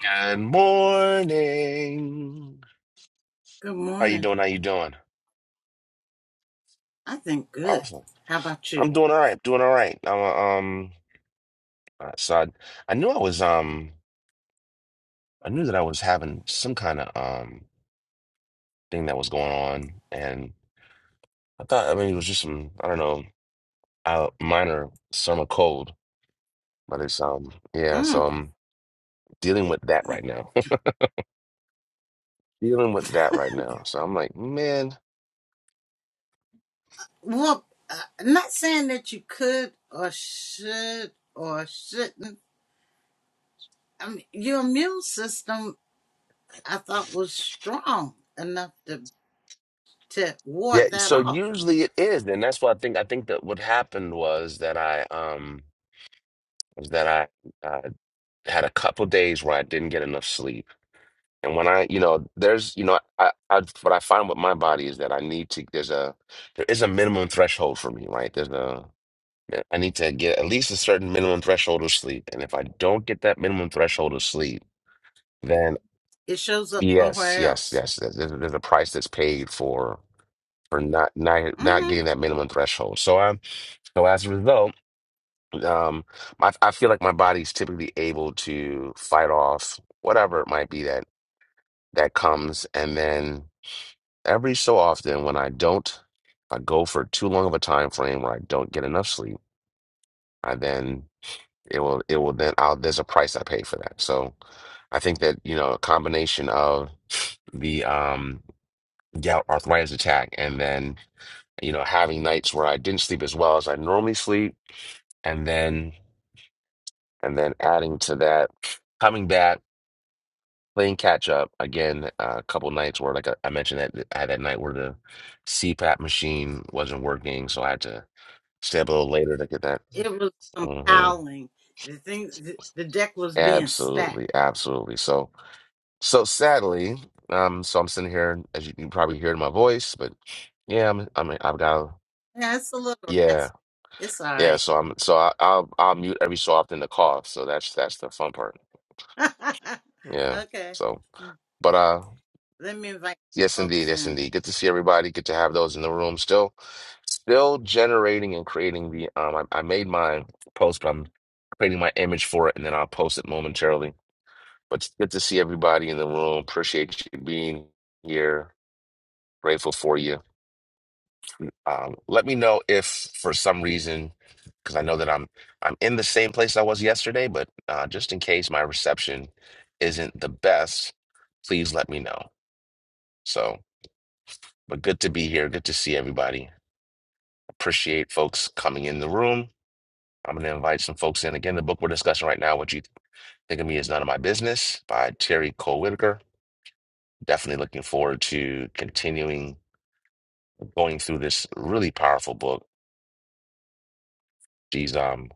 Good morning. Good How you morning. doing? How you doing? I think good. Awesome. How about you? I'm doing all right. I'm doing all right. I'm, uh, um, uh, so I, I knew I was um I knew that I was having some kind of um thing that was going on, and I thought I mean it was just some I don't know uh, minor summer cold, but it's um yeah. So Mm. I'm dealing with that right now. dealing with that right now. So I'm like, man. Well, uh, not saying that you could or should or shouldn't. I mean, your immune system, I thought, was strong enough to to Yeah, ward that so off. usually it is, and that's what I think. I think that what happened was that I um was that I uh, had a couple days where I didn't get enough sleep. And when I, you know, there's, you know, I, I, what I find with my body is that I need to, there's a, there is a minimum threshold for me, right? There's a, I need to get at least a certain minimum threshold of sleep. And if I don't get that minimum threshold of sleep, then It shows up yes, somewhere yes, else. yes, there's, there's there's a price that's paid for, for not, not, not hmm getting that minimum threshold. So i so as a result, Um, I, I feel like my body's typically able to fight off whatever it might be that that comes, and then every so often when I don't, if I go for too long of a time frame where I don't get enough sleep, I then it will it will then I'll there's a price I pay for that. So I think that you know a combination of the um gout arthritis attack and then you know having nights where I didn't sleep as well as I normally sleep, and then and then adding to that coming back playing catch up again. uh, A couple nights where, like I I mentioned, that I had that night where the CPAP machine wasn't working, so I had to stay up a little later to get that. It was hmm compiling. The thing, the, the deck was being stacked. Absolutely, absolutely. So, so sadly, um, so I'm sitting here, as you can probably hear in my voice, but yeah, I'm, I'm, I've got, Yeah, it's a little yeah, raspy. It's all yeah. right. So I'm, so I, I'll, I'll mute every so often to cough. So that's that's the fun part. Yeah. okay. So, Hmm. but uh. Let me invite Yes, indeed. folks Yes, in. indeed. Good to see everybody. Good to have those in the room. Still, still generating and creating the. Um, I, I made my post, but I'm creating my image for it, and then I'll post it momentarily. But it's good to see everybody in the room. Appreciate you being here. Grateful for you. Um, let me know if for some reason, because I know that I'm I'm in the same place I was yesterday, but uh, just in case my reception isn't the best, please let me know. So, but good to be here. Good to see everybody. Appreciate folks coming in the room. I'm going to invite some folks in. Again, the book we're discussing right now, What You Think of Me Is None of My Business by Terry Cole Whitaker. Definitely looking forward to continuing going through this really powerful book. She's um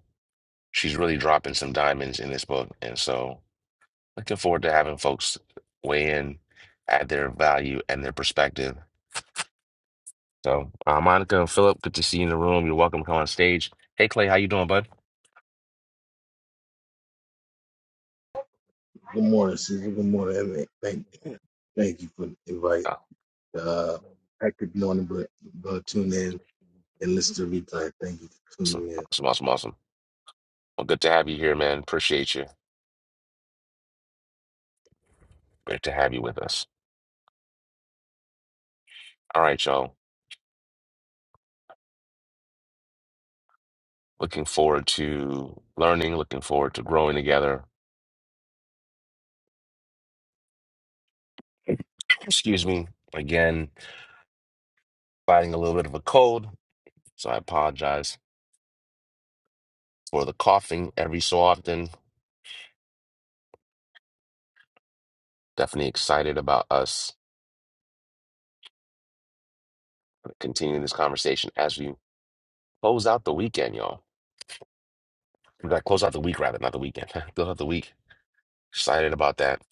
she's really dropping some diamonds in this book. And so looking forward to having folks weigh in, add their value and their perspective. So uh, Monica and Philip, good to see you in the room. You're welcome to come on stage. Hey Clay, how you doing, bud? Good morning, Caesar. Good morning. And thank, thank you for the invite. Oh, Uh, I could be on it, but, but tune in and listen to the replay. Thank you for Awesome, tuning in. awesome, awesome, awesome. Well, good to have you here, man. Appreciate you. Great to have you with us. All right, y'all. Looking forward to learning, looking forward to growing together. Excuse me. Again, fighting a little bit of a cold, so I apologize for the coughing every so often. Definitely excited about us continuing this conversation as we close out the weekend, y'all. We gotta close out the week rather, not the weekend. close out the week. Excited about that.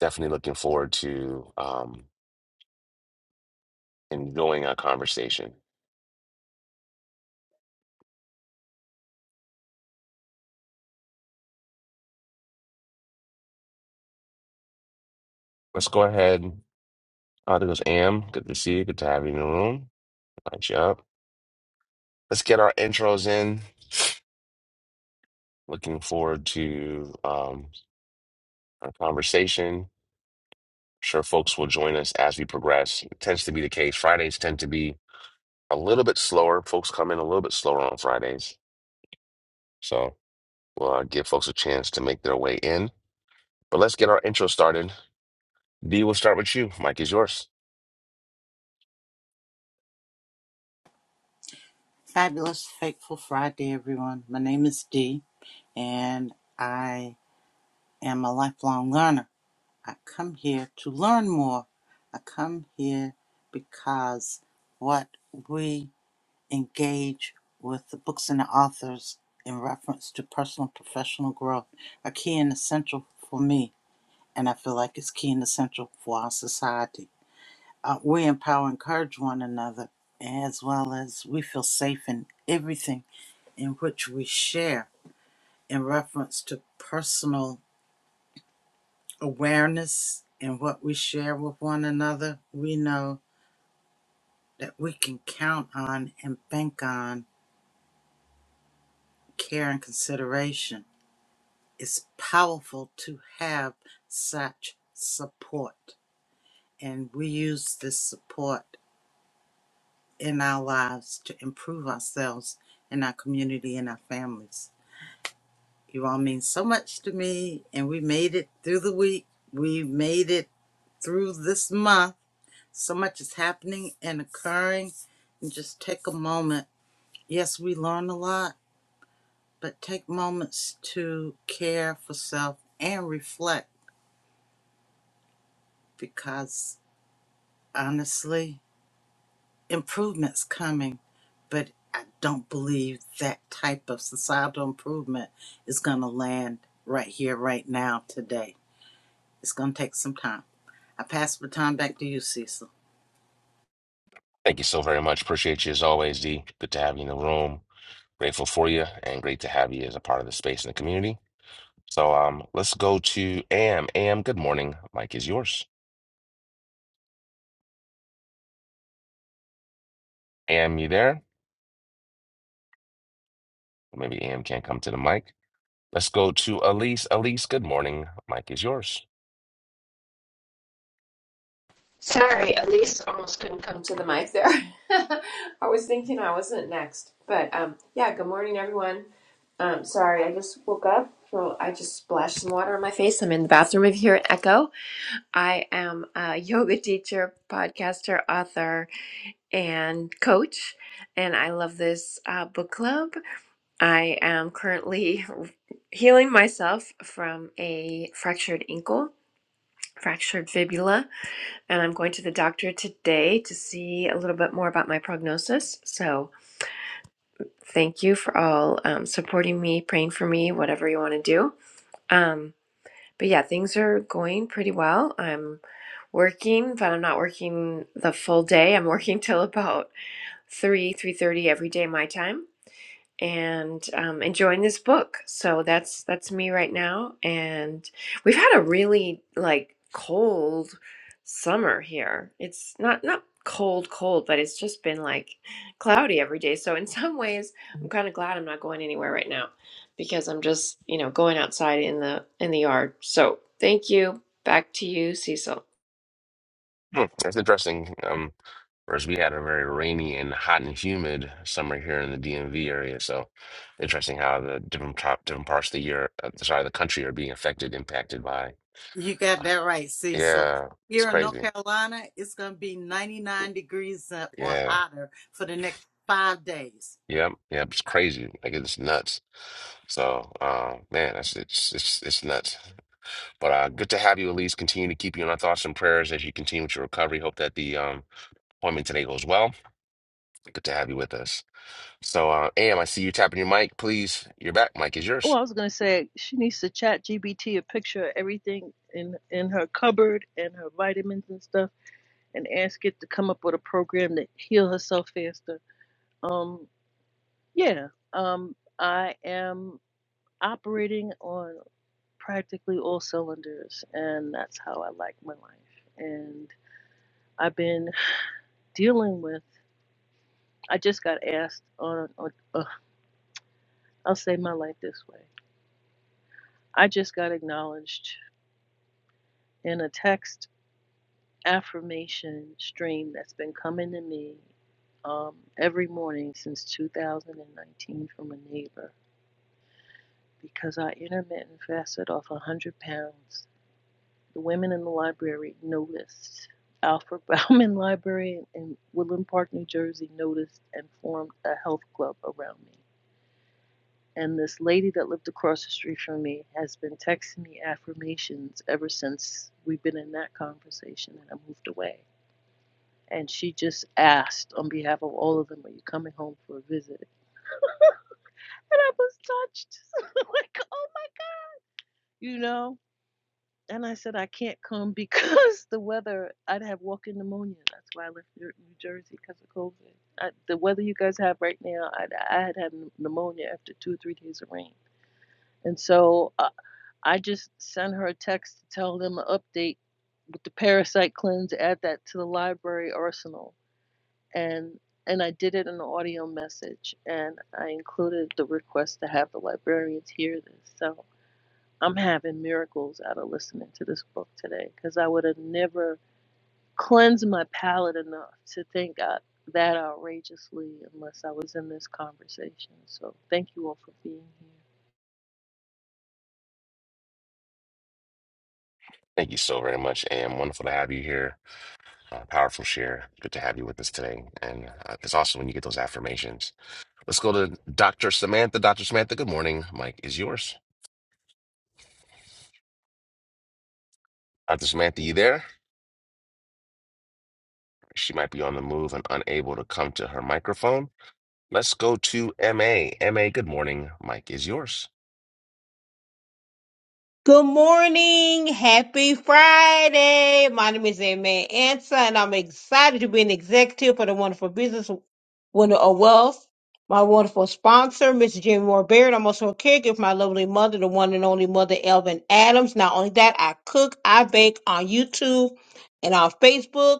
Definitely looking forward to um, enjoying our conversation. Let's go ahead. Uh, there goes Am. Good to see you. Good to have you in the room. Light you up. Let's get our intros in. Looking forward to um, our conversation. Sure, folks will join us as we progress. It tends to be the case. Fridays tend to be a little bit slower. Folks come in a little bit slower on Fridays. So we'll uh, give folks a chance to make their way in. But let's get our intro started. D, we'll start with you. Mike is yours. Fabulous, fateful Friday, everyone. My name is Dee, and I am a lifelong learner. I come here to learn more. I come here because what we engage with the books and the authors in reference to personal and professional growth are key and essential for me, and I feel like it's key and essential for our society. Uh, we empower and encourage one another, as well as we feel safe in everything in which we share in reference to personal awareness and what we share with one another, we know that we can count on and bank on care and consideration. It's powerful to have such support, and we use this support in our lives to improve ourselves in our community and our families. You all mean so much to me, and we made it through the week. We made it through this month. So much is happening and occurring. And just take a moment. Yes, we learn a lot, but take moments to care for self and reflect because honestly, improvement's coming. But I don't believe that type of societal improvement is going to land right here, right now, today. It's going to take some time. I pass the baton back to you, Cecil. Thank you so very much. Appreciate you as always, D. Good to have you in the room. Grateful for you and great to have you as a part of the space and the community. So um, let's go to Am. Am, good morning. Mike is yours. Am, you there? Or maybe Am can't come to the mic. Let's go to Elise. Elise, good morning. Mike is yours. Sorry, Elise almost couldn't come to the mic there. I was thinking I wasn't next, but um, yeah. Good morning, everyone. Um, sorry, I just woke up. So I just splashed some water on my face. I'm in the bathroom if you hear an echo. I am a yoga teacher, podcaster, author, and coach, and I love this uh, book club. I am currently healing myself from a fractured ankle, fractured fibula, and I'm going to the doctor today to see a little bit more about my prognosis. So, thank you for all um, supporting me, praying for me, whatever you want to do. Um, but yeah, things are going pretty well. I'm working, but I'm not working the full day. I'm working till about three, three thirty every day my time and um, enjoying this book. So that's that's me right now. And we've had a really like cold summer here. It's not not cold cold, but it's just been like cloudy every day. So in some ways, I'm kind of glad I'm not going anywhere right now because I'm just you know going outside in the in the yard. So thank you. Back to you, Cecil. Hmm, that's interesting. Um, whereas we had a very rainy and hot and humid summer here in the DMV area. So interesting how the different top, different parts of the year, uh, sorry, the country are being affected, impacted by. You got uh, that right, Cecil. Yeah, it's Here in North crazy. Carolina, it's going to be 99 degrees uh, or Yeah. hotter for the next five days. Yep, yep, it's crazy. Like it's nuts. So, uh, man, that's it's it's it's nuts. But uh, good to have you, Elise. Continue to keep you in our thoughts and prayers as you continue with your recovery. Hope that the um, appointment today goes well. Good to have you with us. So, uh, Am, I see you tapping your mic. Please, you're back. Mic is Oh, yours. I was gonna say she needs to chat GBT a picture of everything in in her cupboard and her vitamins and stuff, and ask it to come up with a program to heal herself faster. Um, yeah. Um, I am operating on practically all cylinders, and that's how I like my life. And I've been dealing with. I just got asked on. on uh, I'll say my life this way. I just got acknowledged in a text affirmation stream that's been coming to me um, every morning since 2019 from a neighbor because I intermittent fasted off 100 pounds. The women in the library noticed. Alfred Bauman Library in Woodland Park, New Jersey noticed and formed a health club around me. And this lady that lived across the street from me has been texting me affirmations ever since we've been in that conversation and I moved away and she just asked on behalf of all of them, "Are you coming home for a visit?" And I was touched, like, oh my, you know. And I said, "I can't come because the weather. I'd have walking pneumonia. That's why I left New Jersey because of COVID. I, the weather you guys have right now, I'd, I'd have pneumonia after two or three days of rain. And so uh, I just sent her a text to tell them an update with the parasite cleanse. Add that to the library arsenal." and and I did it in an audio message, and I included the request to have the librarians hear this. So I'm having miracles out of listening to this book today, because I would have never cleansed my palate enough to think out that outrageously unless I was in this conversation. So thank you all for being here. Thank you so very much, Am. Wonderful to have you here. Uh, powerful share. Good to have you with us today. And uh, it's awesome when you get those affirmations. Let's go to Dr. Samantha. Dr. Samantha, good morning. Mic is yours. Dr. Samantha, you there? She might be on the move and unable to come to her microphone. Let's go to M A. M A. good morning. Mike is yours. Good morning. Happy Friday. My name is Aimee Ansa, and I'm excited to be an executive for the wonderful business winner of wealth. My wonderful sponsor, Miss Jimmy Moore Baird. I'm also a caregiver for my lovely mother, the one and only mother, Elvin Adams. Not only that, I cook, I bake on YouTube and on Facebook.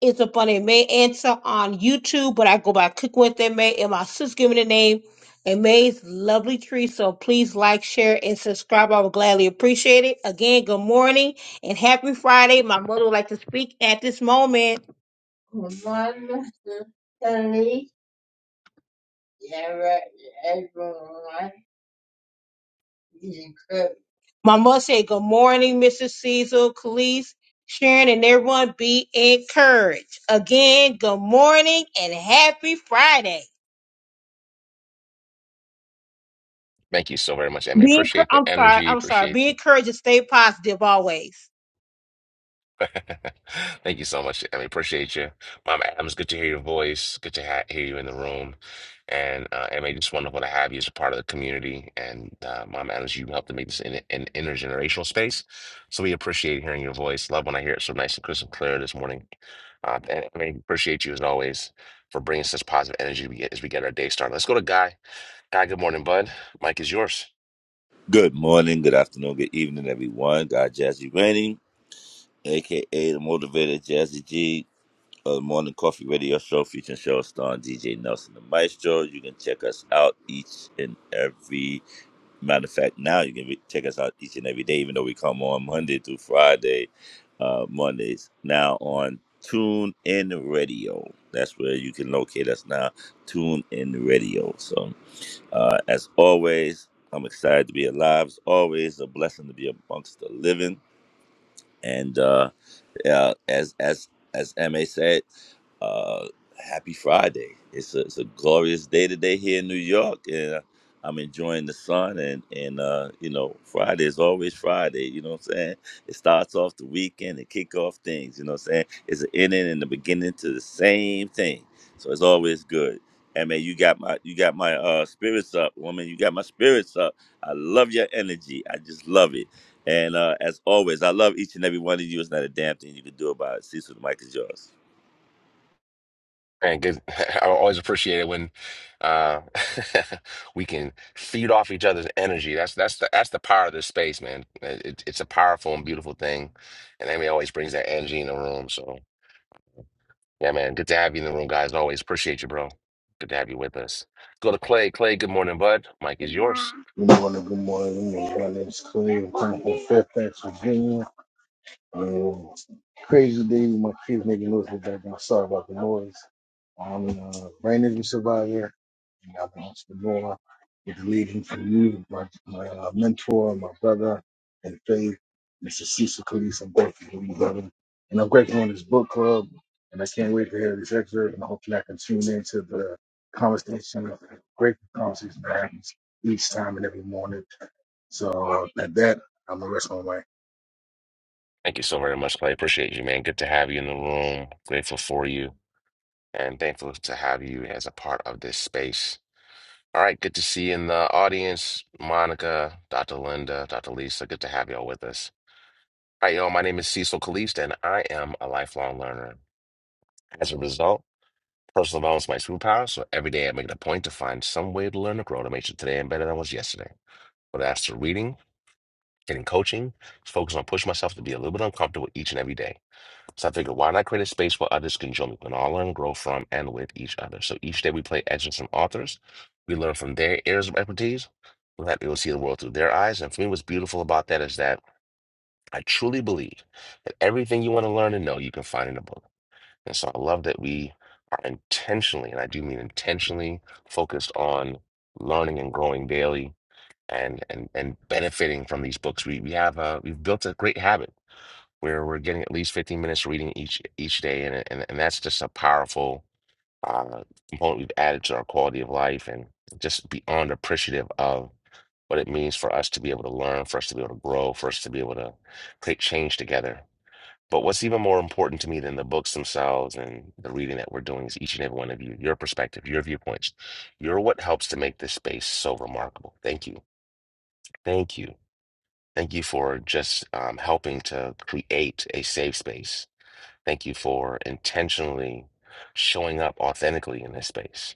It's up on a May answer on YouTube, but I go by Cooking with Aunt May, and my sister's giving the name. And May's lovely tree. So please like, share, and subscribe. I would gladly appreciate it. Again, good morning and happy Friday. My mother would like to speak at this moment. One, two, three, yeah, right, everyone. He's incredible. My must say good morning, Mrs. Cecil, Khalees, Sharon, and everyone. Be encouraged. Again, good morning and happy Friday. Thank you so very much, MA. Be encour- Appreciate I'm the sorry. energy. I'm sorry. Appreciate Be encouraged and stay positive always. Thank you so much. I mean, appreciate you. Mom Adams, good to hear your voice. Good to ha hear you in the room. And uh, I mean, just wonderful to have you as a part of the community. And uh, Mom Adams, you helped to make this an, an intergenerational space. So we appreciate hearing your voice. Love when I hear it so nice and crisp and clear this morning. Uh, and I mean, appreciate you as always for bringing such positive energy we get as we get our day started. Let's go to Guy. Guy, good morning, bud. Mike is yours. Good morning, good afternoon, good evening, everyone. God Jazzy Rainey, aka the motivated Jazzy G, of the Morning Coffee Radio Show featuring Cheryl Star and DJ Nelson the Maestro. You can check us out each and every matter of fact. Now you can re- check us out each and every day, even though we come on Monday through Friday, uh, Mondays. Now on Tune In Radio. That's where you can locate us now. Tune In Radio. So. Uh, as always, I'm excited to be alive. It's always a blessing to be amongst the living. And uh, uh, as as as ma said uh happy friday it's a, it's a glorious day today here in new york and uh, i'm enjoying the sun and and uh you know friday is always friday you know what i'm saying it starts off the weekend and kick off things you know what i'm saying it's an ending and the beginning to the same thing so it's always good and man you got my you got my uh spirits up woman you got my spirits up i love your energy i just love it and uh, as always, I love each and every one of you. It's not a damn thing you can do about it. Cecil, the mic is yours. Man, good. I always appreciate it when uh, we can feed off each other's energy. That's that's the that's the power of this space, man. It, it's a powerful and beautiful thing, and Amy always brings that energy in the room. So yeah, man, good to have you in the room, guys. Always appreciate you, bro. Good to have you with us. Go to Clay. Clay, good morning, bud. Mike is yours. Good morning. Good morning. Good morning. My name is Khalil. I'm coming from Fairfax, Virginia. Um, crazy day. My kids making noise in the background. Sorry about the noise. I'm a uh, brain injury survivor. And I'm an entrepreneur with the leading for you, my, my uh, mentor, my brother, and faith, Mr. Cecil Calise. I'm grateful for you, brother. And I'm grateful on this book club. And I can't wait to hear this excerpt. And hopefully I can tune into the conversation, grateful conversation that happens each time and every morning. So uh, at that, I'm going to rest my mic. Thank you so very much, Clay. Appreciate you, man. Good to have you in the room. Grateful for you, and thankful to have you as a part of this space. All right, good to see you in the audience, Monica, Dr. Linda, Dr. Lisa. Good to have y'all with us. All right, y'all. My name is Cecil Kalist, and I am a lifelong learner. As a result, personal development is my superpower. So every day I make it a point to find some way to learn or grow to make sure today I'm better than I was yesterday. Whether that's through reading, getting coaching, just focus on pushing myself to be a little bit uncomfortable each and every day. So I figured, why not create a space where others can join? We can all learn, grow from, and with each other. So each day we play excerpts from authors. We learn from their areas of expertise. We're happy to see the world through their eyes. And for me, what's beautiful about that is that I truly believe that everything you want to learn and know, you can find in a book. And so I love that we are intentionally, and I do mean intentionally, focused on learning and growing daily and and and benefiting from these books. We we have uh we've built a great habit where we're getting at least 15 minutes of reading each each day and and, and that's just a powerful uh, component we've added to our quality of life and just beyond appreciative of what it means for us to be able to learn for us to be able to grow for us to be able to create change together but what's even more important to me than the books themselves and the reading that we're doing is each and every one of you your perspective your viewpoints you're what helps to make this space so remarkable thank you thank you thank you for just um, helping to create a safe space Thank you for intentionally showing up authentically in this space.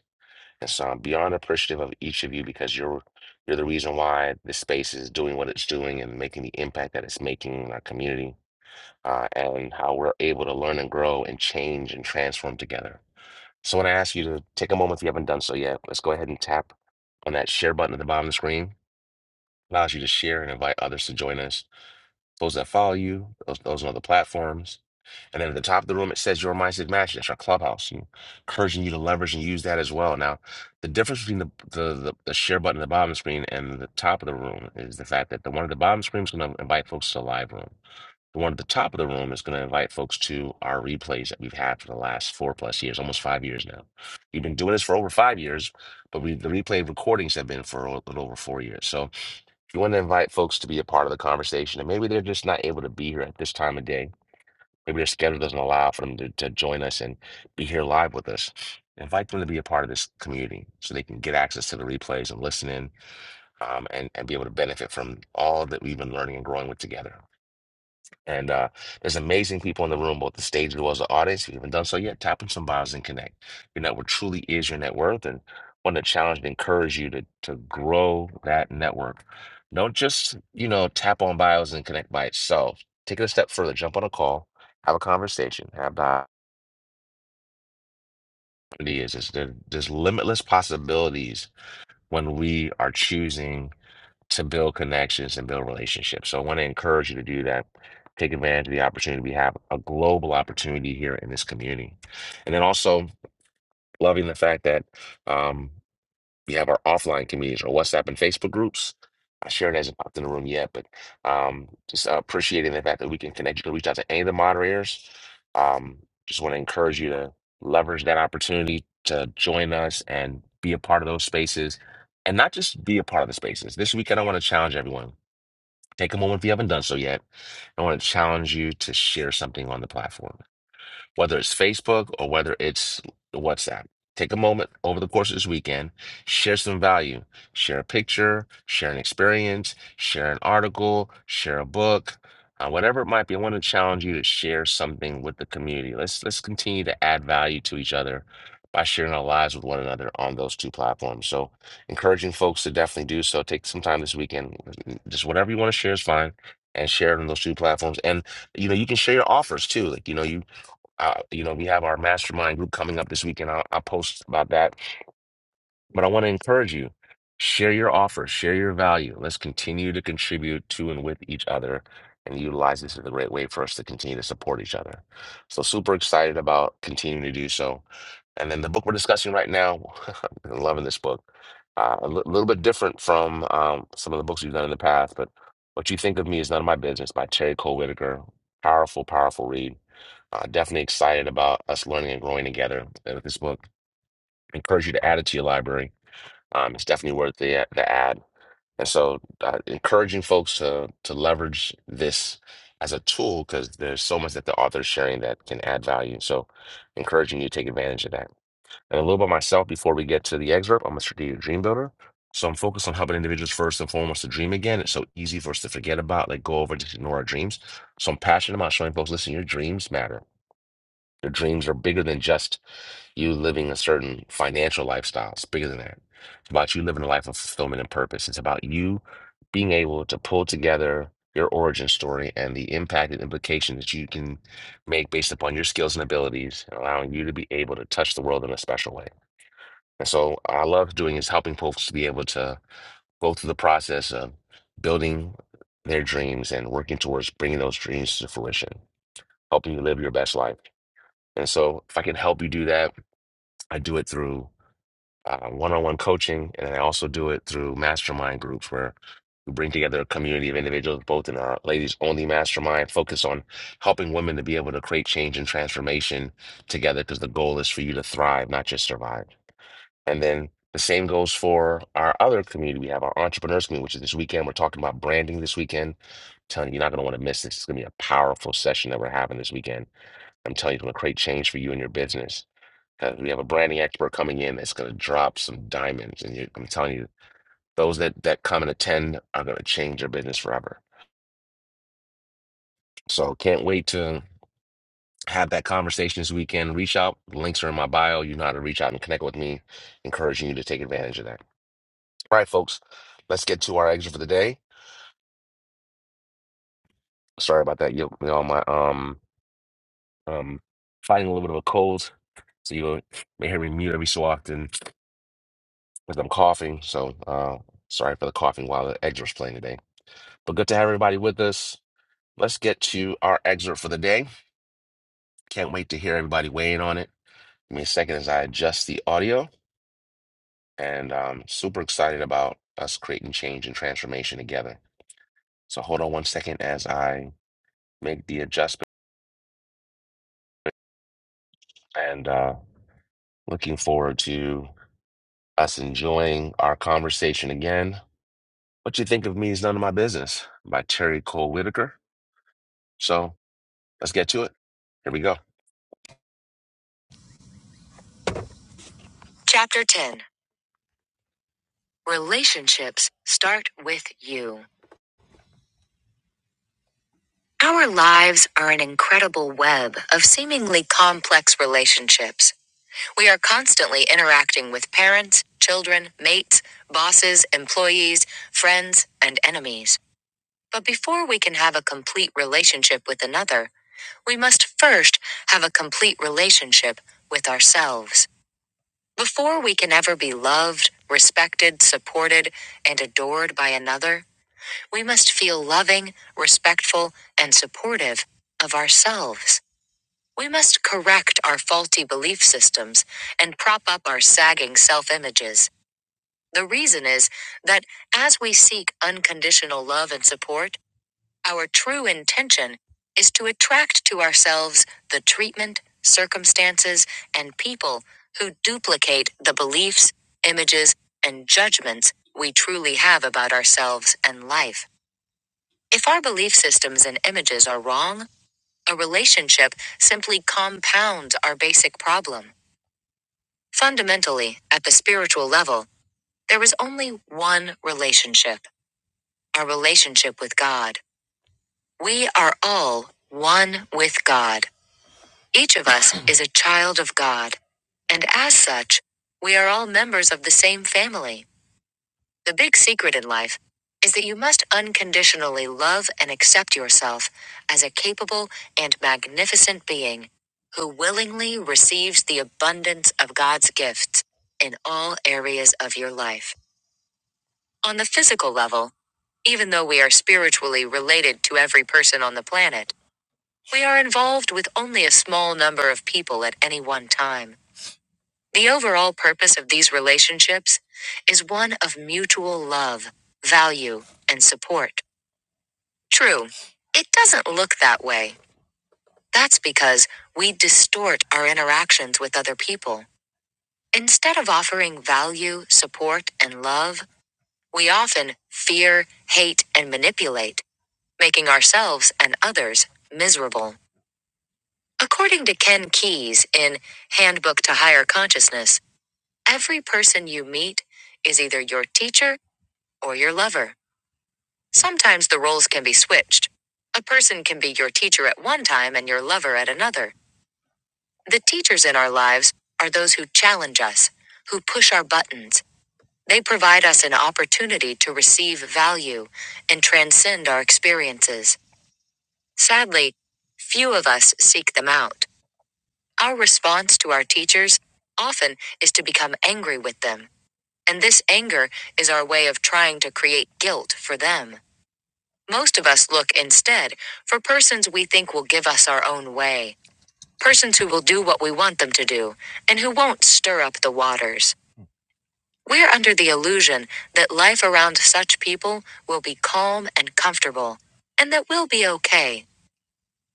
And so I'm beyond appreciative of each of you because you're you're the reason why this space is doing what it's doing and making the impact that it's making in our community uh, and how we're able to learn and grow and change and transform together. So when I ask you to take a moment if you haven't done so yet, let's go ahead and tap on that share button at the bottom of the screen. Allows you to share and invite others to join us. Those that follow you, those, those on other platforms and then at the top of the room, it says your mindset match. That's our clubhouse. And encouraging you to leverage and use that as well. Now, the difference between the, the, the, the share button at the bottom of the screen and the top of the room is the fact that the one at the bottom of the screen is going to invite folks to the live room. The one at the top of the room is going to invite folks to our replays that we've had for the last four plus years, almost five years now. We've been doing this for over five years, but we the replay recordings have been for a little over four years. So if you want to invite folks to be a part of the conversation, and maybe they're just not able to be here at this time of day Maybe their schedule doesn't allow for them to, to join us and be here live with us. Invite them to be a part of this community so they can get access to the replays and listen in um, and, and be able to benefit from all that we've been learning and growing with together. And uh, there's amazing people in the room, both the stage as well as the audience. If you haven't done so yet, tap on some bios and connect. Your network truly is your net worth, and want to challenge and encourage you to to grow that network. Don't just you know tap on bios and connect by itself. Take it a step further. Jump on a call, have a conversation, have the opportunity. Is there's there's limitless possibilities when we are choosing to build connections and build relationships. So I want to encourage you to do that. Take advantage of the opportunity. We have a global opportunity here in this community. And then also loving the fact that um, we have our offline communities, our WhatsApp and Facebook groups. I Uh, it hasn't popped in the room yet, but um, just uh, appreciating the fact that we can connect. You can reach out to any of the moderators. Um, just want to encourage you to leverage that opportunity to join us and be a part of those spaces, and not just be a part of the spaces. This week, I don't want to challenge everyone. Take a moment if you haven't done so yet. I want to challenge you to share something on the platform whether it's Facebook or whether it's WhatsApp. Take a moment over the course of this weekend, share some value, share a picture, share an experience, share an article, share a book, uh, whatever it might be. I want to challenge you to share something with the community. Let's let's continue to add value to each other by sharing our lives with one another on those two platforms. So, encouraging folks to definitely do so. Take some time this weekend. Just whatever you want to share is fine, and share it on those two platforms. And you know, you can share your offers too. Like you know, you uh, you know, we have our mastermind group coming up this weekend. I'll, I'll post about that. But I want to encourage you, share your offer, share your value. Let's continue to contribute to and with each other and utilize this as a great way for us to continue to support each other. So super excited about continuing to do so. And then the book we're discussing right now, I'm loving this book. Uh, a li- little bit different from um, some of the books we've done in the past, but What You Think of Me is None of My Business by Terry Cole Whitaker. Powerful, powerful read. Uh, definitely excited about us learning and growing together uh, with this book. Encourage you to add it to your library. Um, it's definitely worth the uh, the ad. And so, uh, encouraging folks to to leverage this as a tool because there's so much that the author is sharing that can add value. So, encouraging you to take advantage of that. And a little about myself before we get to the excerpt. I'm a strategic dream builder. So I'm focused on helping individuals first and foremost to dream again. It's so easy for us to forget about, like go over, just ignore our dreams. So I'm passionate about showing folks, listen, your dreams matter your dreams are bigger than just you living a certain financial lifestyle. It's bigger than that. It's about you living a life of fulfillment and purpose. It's about you being able to pull together your origin story and the impact and implication that you can make based upon your skills and abilities, and allowing you to be able to touch the world in a special way. And so, I love doing is helping folks to be able to go through the process of building their dreams and working towards bringing those dreams to fruition, helping you live your best life. And so, if I can help you do that, I do it through uh, one-on-one coaching, and I also do it through mastermind groups where we bring together a community of individuals, both in our ladies only mastermind, focus on helping women to be able to create change and transformation together because the goal is for you to thrive, not just survive. And then the same goes for our other community. We have our entrepreneurs community, which is this weekend. We're talking about branding this weekend. I'm telling you, you're not going to want to miss this. It's going to be a powerful session that we're having this weekend. I'm telling you, it's going to create change for you and your business. Because we have a branding expert coming in that's going to drop some diamonds. And you, I'm telling you, those that, that come and attend are going to change your business forever. So can't wait to have that conversation this weekend. Reach out. Links are in my bio. You know how to reach out and connect with me, encouraging you to take advantage of that. All right, folks, let's get to our exit for the day. Sorry about that. You, you know, my um um fighting a little bit of a cold. So you may hear me mute every so often because I'm coughing. So uh sorry for the coughing while the exit was playing today. But good to have everybody with us. Let's get to our excerpt for the day. Can't wait to hear everybody weighing on it. Give me a second as I adjust the audio, and I'm super excited about us creating change and transformation together. So hold on one second as I make the adjustment, and uh, looking forward to us enjoying our conversation again. What you think of me is none of my business by Terry Cole Whitaker. So let's get to it. Here we go. Start with you. Our lives are an incredible web of seemingly complex relationships. We are constantly interacting with parents, children, mates, bosses, employees, friends, and enemies. But before we can have a complete relationship with another, we must first have a complete relationship with ourselves. Before we can ever be loved, respected, supported, and adored by another, we must feel loving, respectful, and supportive of ourselves. We must correct our faulty belief systems and prop up our sagging self images. The reason is that as we seek unconditional love and support, our true intention is to attract to ourselves the treatment, circumstances, and people who duplicate the beliefs, images, and judgments we truly have about ourselves and life. If our belief systems and images are wrong, a relationship simply compounds our basic problem. Fundamentally, at the spiritual level, there is only one relationship our relationship with God. We are all one with God. Each of us is a child of God. And as such, we are all members of the same family. The big secret in life is that you must unconditionally love and accept yourself as a capable and magnificent being who willingly receives the abundance of God's gifts in all areas of your life. On the physical level, even though we are spiritually related to every person on the planet, we are involved with only a small number of people at any one time. The overall purpose of these relationships is one of mutual love, value, and support. True, it doesn't look that way. That's because we distort our interactions with other people. Instead of offering value, support, and love, we often fear, hate, and manipulate, making ourselves and others miserable. According to Ken Keyes in Handbook to Higher Consciousness, every person you meet is either your teacher or your lover. Sometimes the roles can be switched. A person can be your teacher at one time and your lover at another. The teachers in our lives are those who challenge us, who push our buttons. They provide us an opportunity to receive value and transcend our experiences. Sadly, few of us seek them out. Our response to our teachers often is to become angry with them, and this anger is our way of trying to create guilt for them. Most of us look instead for persons we think will give us our own way, persons who will do what we want them to do, and who won't stir up the waters. We're under the illusion that life around such people will be calm and comfortable, and that we'll be okay.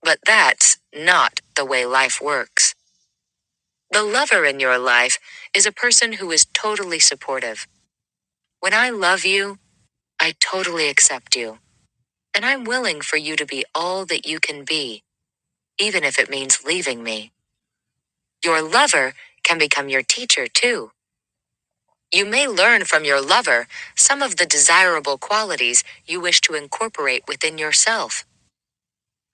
But that's not the way life works. The lover in your life is a person who is totally supportive. When I love you, I totally accept you, and I'm willing for you to be all that you can be. even if it means leaving me. Your lover can become your teacher, too. You may learn from your lover some of the desirable qualities you wish to incorporate within yourself.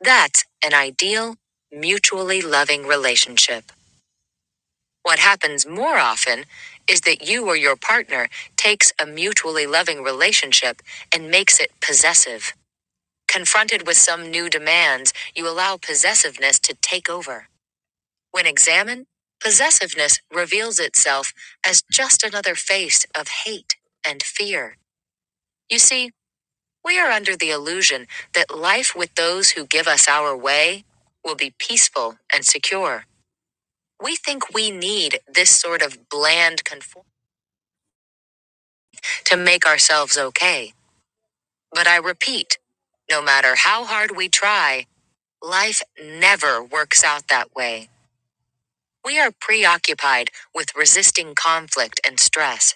That's an ideal, mutually loving relationship. What happens more often is that you or your partner takes a mutually loving relationship and makes it possessive. Confronted with some new demands, you allow possessiveness to take over. When examined, possessiveness reveals itself as just another face of hate and fear. You see, we are under the illusion that life with those who give us our way will be peaceful and secure. We think we need this sort of bland conform to make ourselves okay. But I repeat, no matter how hard we try, life never works out that way. We are preoccupied with resisting conflict and stress.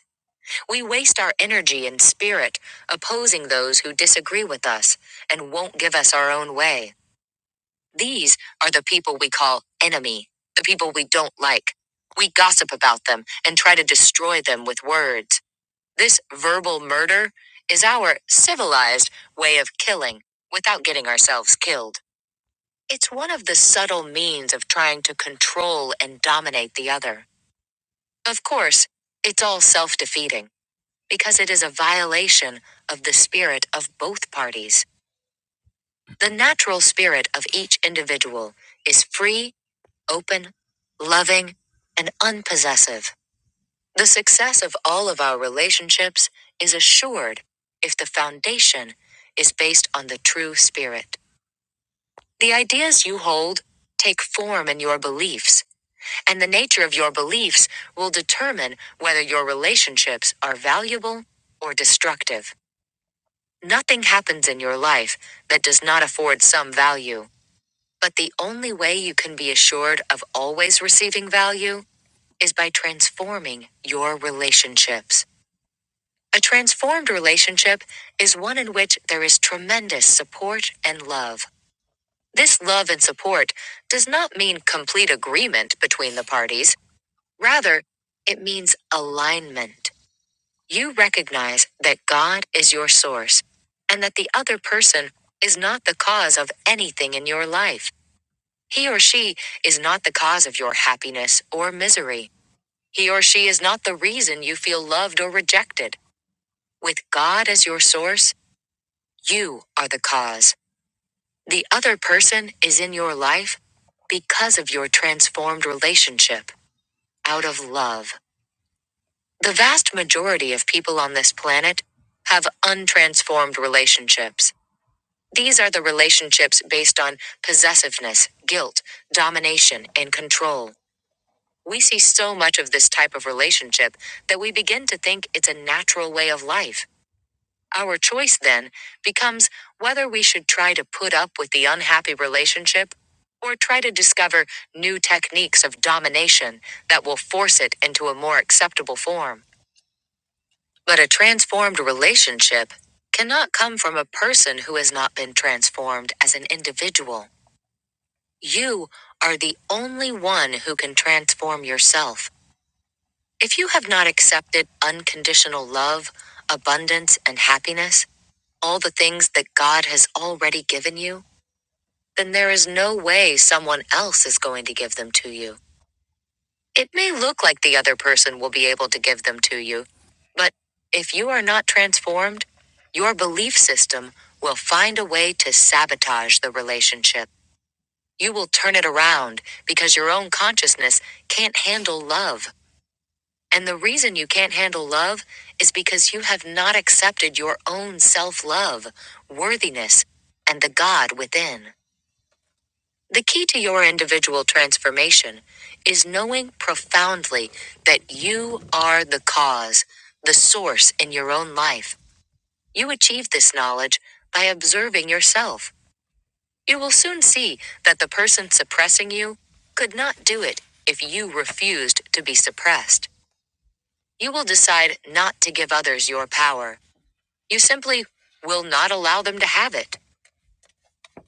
We waste our energy and spirit opposing those who disagree with us and won't give us our own way. These are the people we call enemy, the people we don't like. We gossip about them and try to destroy them with words. This verbal murder is our civilized way of killing without getting ourselves killed. It's one of the subtle means of trying to control and dominate the other. Of course, it's all self defeating because it is a violation of the spirit of both parties. The natural spirit of each individual is free, open, loving, and unpossessive. The success of all of our relationships is assured if the foundation is based on the true spirit. The ideas you hold take form in your beliefs, and the nature of your beliefs will determine whether your relationships are valuable or destructive. Nothing happens in your life that does not afford some value. But the only way you can be assured of always receiving value is by transforming your relationships. A transformed relationship is one in which there is tremendous support and love. This love and support does not mean complete agreement between the parties. Rather, it means alignment. You recognize that God is your source and that the other person is not the cause of anything in your life. He or she is not the cause of your happiness or misery. He or she is not the reason you feel loved or rejected. With God as your source, you are the cause. The other person is in your life because of your transformed relationship out of love. The vast majority of people on this planet have untransformed relationships. These are the relationships based on possessiveness, guilt, domination, and control. We see so much of this type of relationship that we begin to think it's a natural way of life. Our choice then becomes whether we should try to put up with the unhappy relationship or try to discover new techniques of domination that will force it into a more acceptable form. But a transformed relationship cannot come from a person who has not been transformed as an individual. You are the only one who can transform yourself. If you have not accepted unconditional love, abundance, and happiness, all the things that God has already given you, then there is no way someone else is going to give them to you. It may look like the other person will be able to give them to you, but if you are not transformed, your belief system will find a way to sabotage the relationship. You will turn it around because your own consciousness can't handle love. And the reason you can't handle love is because you have not accepted your own self love, worthiness, and the God within. The key to your individual transformation is knowing profoundly that you are the cause, the source in your own life. You achieve this knowledge by observing yourself. You will soon see that the person suppressing you could not do it if you refused to be suppressed. You will decide not to give others your power. You simply will not allow them to have it.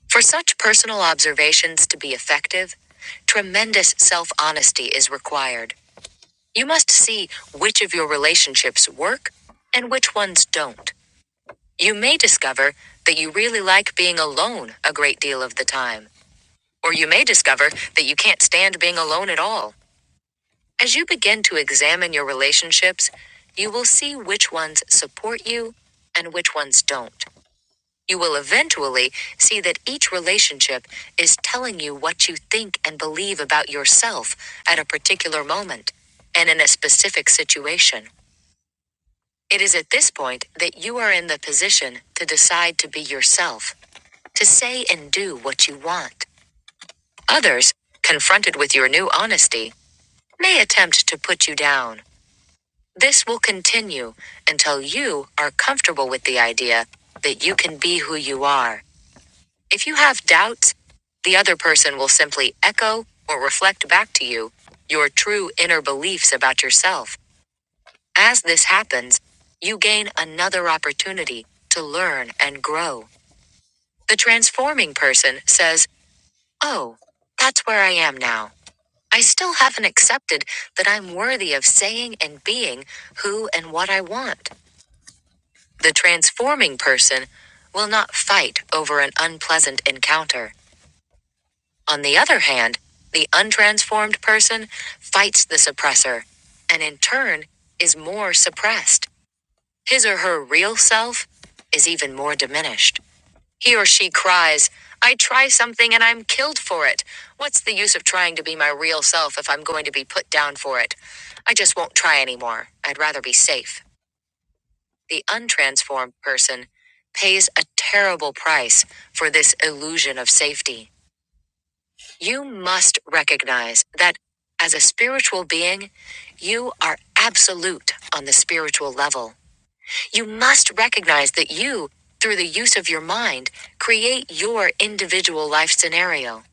For such personal observations to be effective, tremendous self honesty is required. You must see which of your relationships work and which ones don't. You may discover that you really like being alone a great deal of the time. Or you may discover that you can't stand being alone at all. As you begin to examine your relationships, you will see which ones support you and which ones don't. You will eventually see that each relationship is telling you what you think and believe about yourself at a particular moment and in a specific situation. It is at this point that you are in the position to decide to be yourself, to say and do what you want. Others, confronted with your new honesty, may attempt to put you down. This will continue until you are comfortable with the idea that you can be who you are. If you have doubts, the other person will simply echo or reflect back to you your true inner beliefs about yourself. As this happens, you gain another opportunity to learn and grow. The transforming person says, Oh, that's where I am now. I still haven't accepted that I'm worthy of saying and being who and what I want. The transforming person will not fight over an unpleasant encounter. On the other hand, the untransformed person fights the suppressor and in turn is more suppressed. His or her real self is even more diminished. He or she cries, I try something and I'm killed for it. What's the use of trying to be my real self if I'm going to be put down for it? I just won't try anymore. I'd rather be safe. The untransformed person pays a terrible price for this illusion of safety. You must recognize that as a spiritual being, you are absolute on the spiritual level. You must recognize that you, through the use of your mind, create your individual life scenario.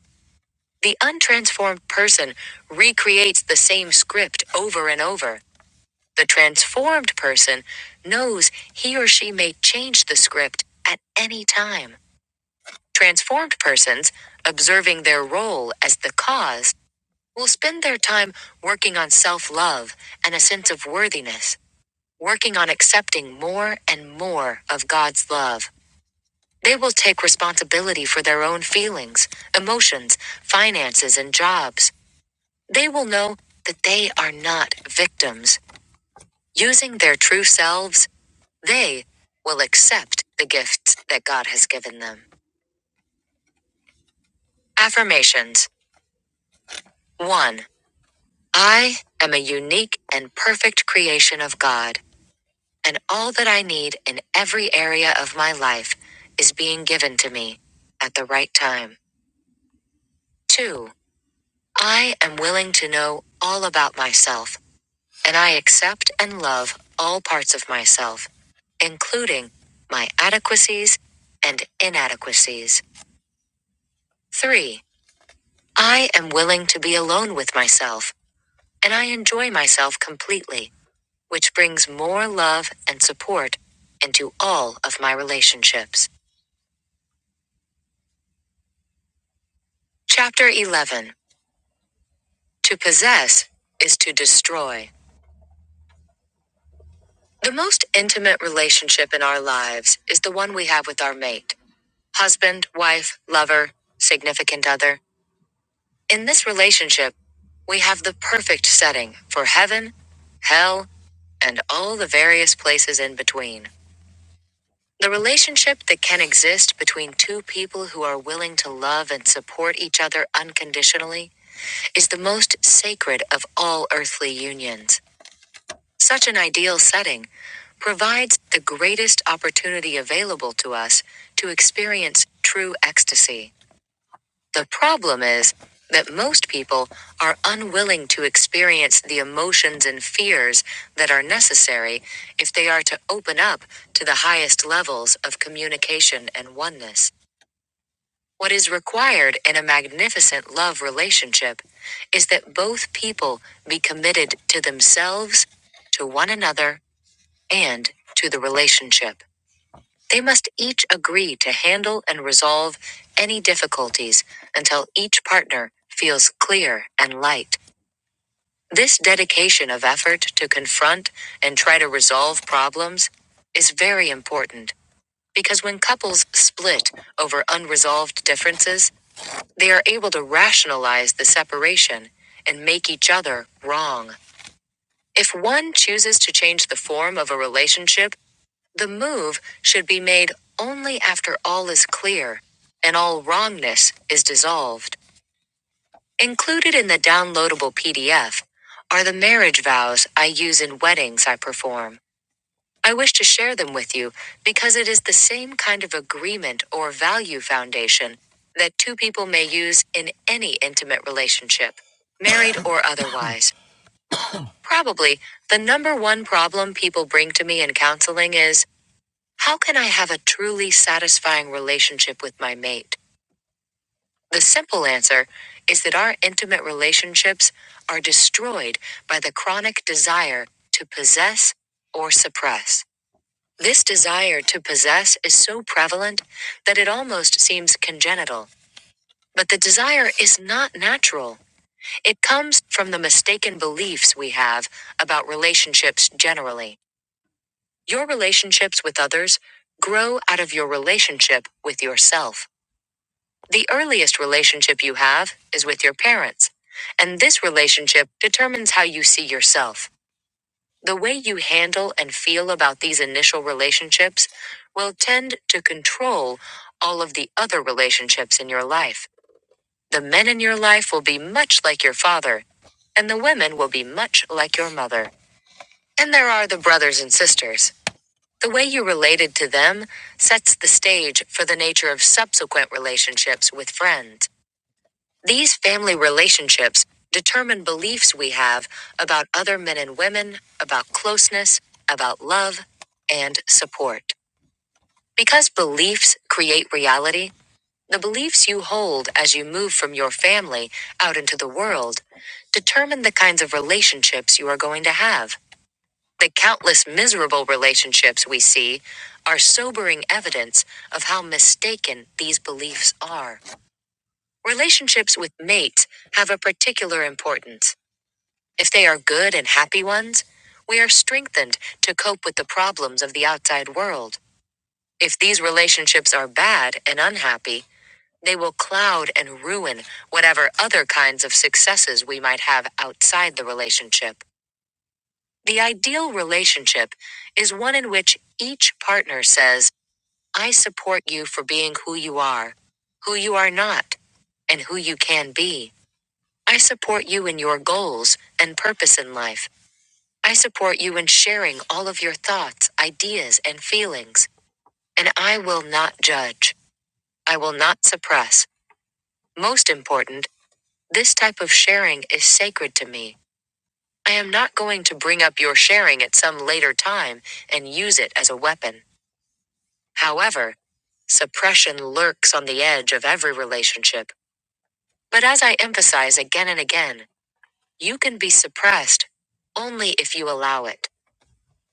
The untransformed person recreates the same script over and over. The transformed person knows he or she may change the script at any time. Transformed persons, observing their role as the cause, will spend their time working on self love and a sense of worthiness, working on accepting more and more of God's love. They will take responsibility for their own feelings, emotions, finances, and jobs. They will know that they are not victims. Using their true selves, they will accept the gifts that God has given them. Affirmations 1. I am a unique and perfect creation of God, and all that I need in every area of my life is being given to me at the right time. 2. I am willing to know all about myself, and I accept and love all parts of myself, including my adequacies and inadequacies. 3. I am willing to be alone with myself, and I enjoy myself completely, which brings more love and support into all of my relationships. Chapter 11 To possess is to destroy. The most intimate relationship in our lives is the one we have with our mate. husband, wife, lover, significant other. In this relationship, we have the perfect setting for heaven, hell, and all the various places in between. The relationship that can exist between two people who are willing to love and support each other unconditionally is the most sacred of all earthly unions. Such an ideal setting provides the greatest opportunity available to us to experience true ecstasy. The problem is that most people are unwilling to experience the emotions and fears that are necessary if they are to open up to the highest levels of communication and oneness. What is required in a magnificent love relationship is that both people be committed to themselves, to one another, and to the relationship. They must each agree to handle and resolve any difficulties until each partner feels clear and light. This dedication of effort to confront and try to resolve problems is very important because when couples split over unresolved differences, they are able to rationalize the separation and make each other wrong. If one chooses to change the form of a relationship the move should be made only after all is clear and all wrongness is dissolved. Included in the downloadable PDF are the marriage vows I use in weddings I perform. I wish to share them with you because it is the same kind of agreement or value foundation that two people may use in any intimate relationship, married or otherwise. Probably the number one problem people bring to me in counseling is how can I have a truly satisfying relationship with my mate? The simple answer is that our intimate relationships are destroyed by the chronic desire to possess or suppress. This desire to possess is so prevalent that it almost seems congenital. But the desire is not natural. It comes from the mistaken beliefs we have about relationships generally. Your relationships with others grow out of your relationship with yourself. The earliest relationship you have is with your parents, and this relationship determines how you see yourself. The way you handle and feel about these initial relationships will tend to control all of the other relationships in your life. The men in your life will be much like your father, and the women will be much like your mother. And there are the brothers and sisters. The way you related to them sets the stage for the nature of subsequent relationships with friends. These family relationships determine beliefs we have about other men and women, about closeness, about love, and support. Because beliefs create reality, the beliefs you hold as you move from your family out into the world determine the kinds of relationships you are going to have. The countless miserable relationships we see are sobering evidence of how mistaken these beliefs are. Relationships with mates have a particular importance. If they are good and happy ones, we are strengthened to cope with the problems of the outside world. If these relationships are bad and unhappy, they will cloud and ruin whatever other kinds of successes we might have outside the relationship. The ideal relationship is one in which each partner says, I support you for being who you are, who you are not, and who you can be. I support you in your goals and purpose in life. I support you in sharing all of your thoughts, ideas, and feelings. And I will not judge. I will not suppress. Most important, this type of sharing is sacred to me. I am not going to bring up your sharing at some later time and use it as a weapon. However, suppression lurks on the edge of every relationship. But as I emphasize again and again, you can be suppressed only if you allow it.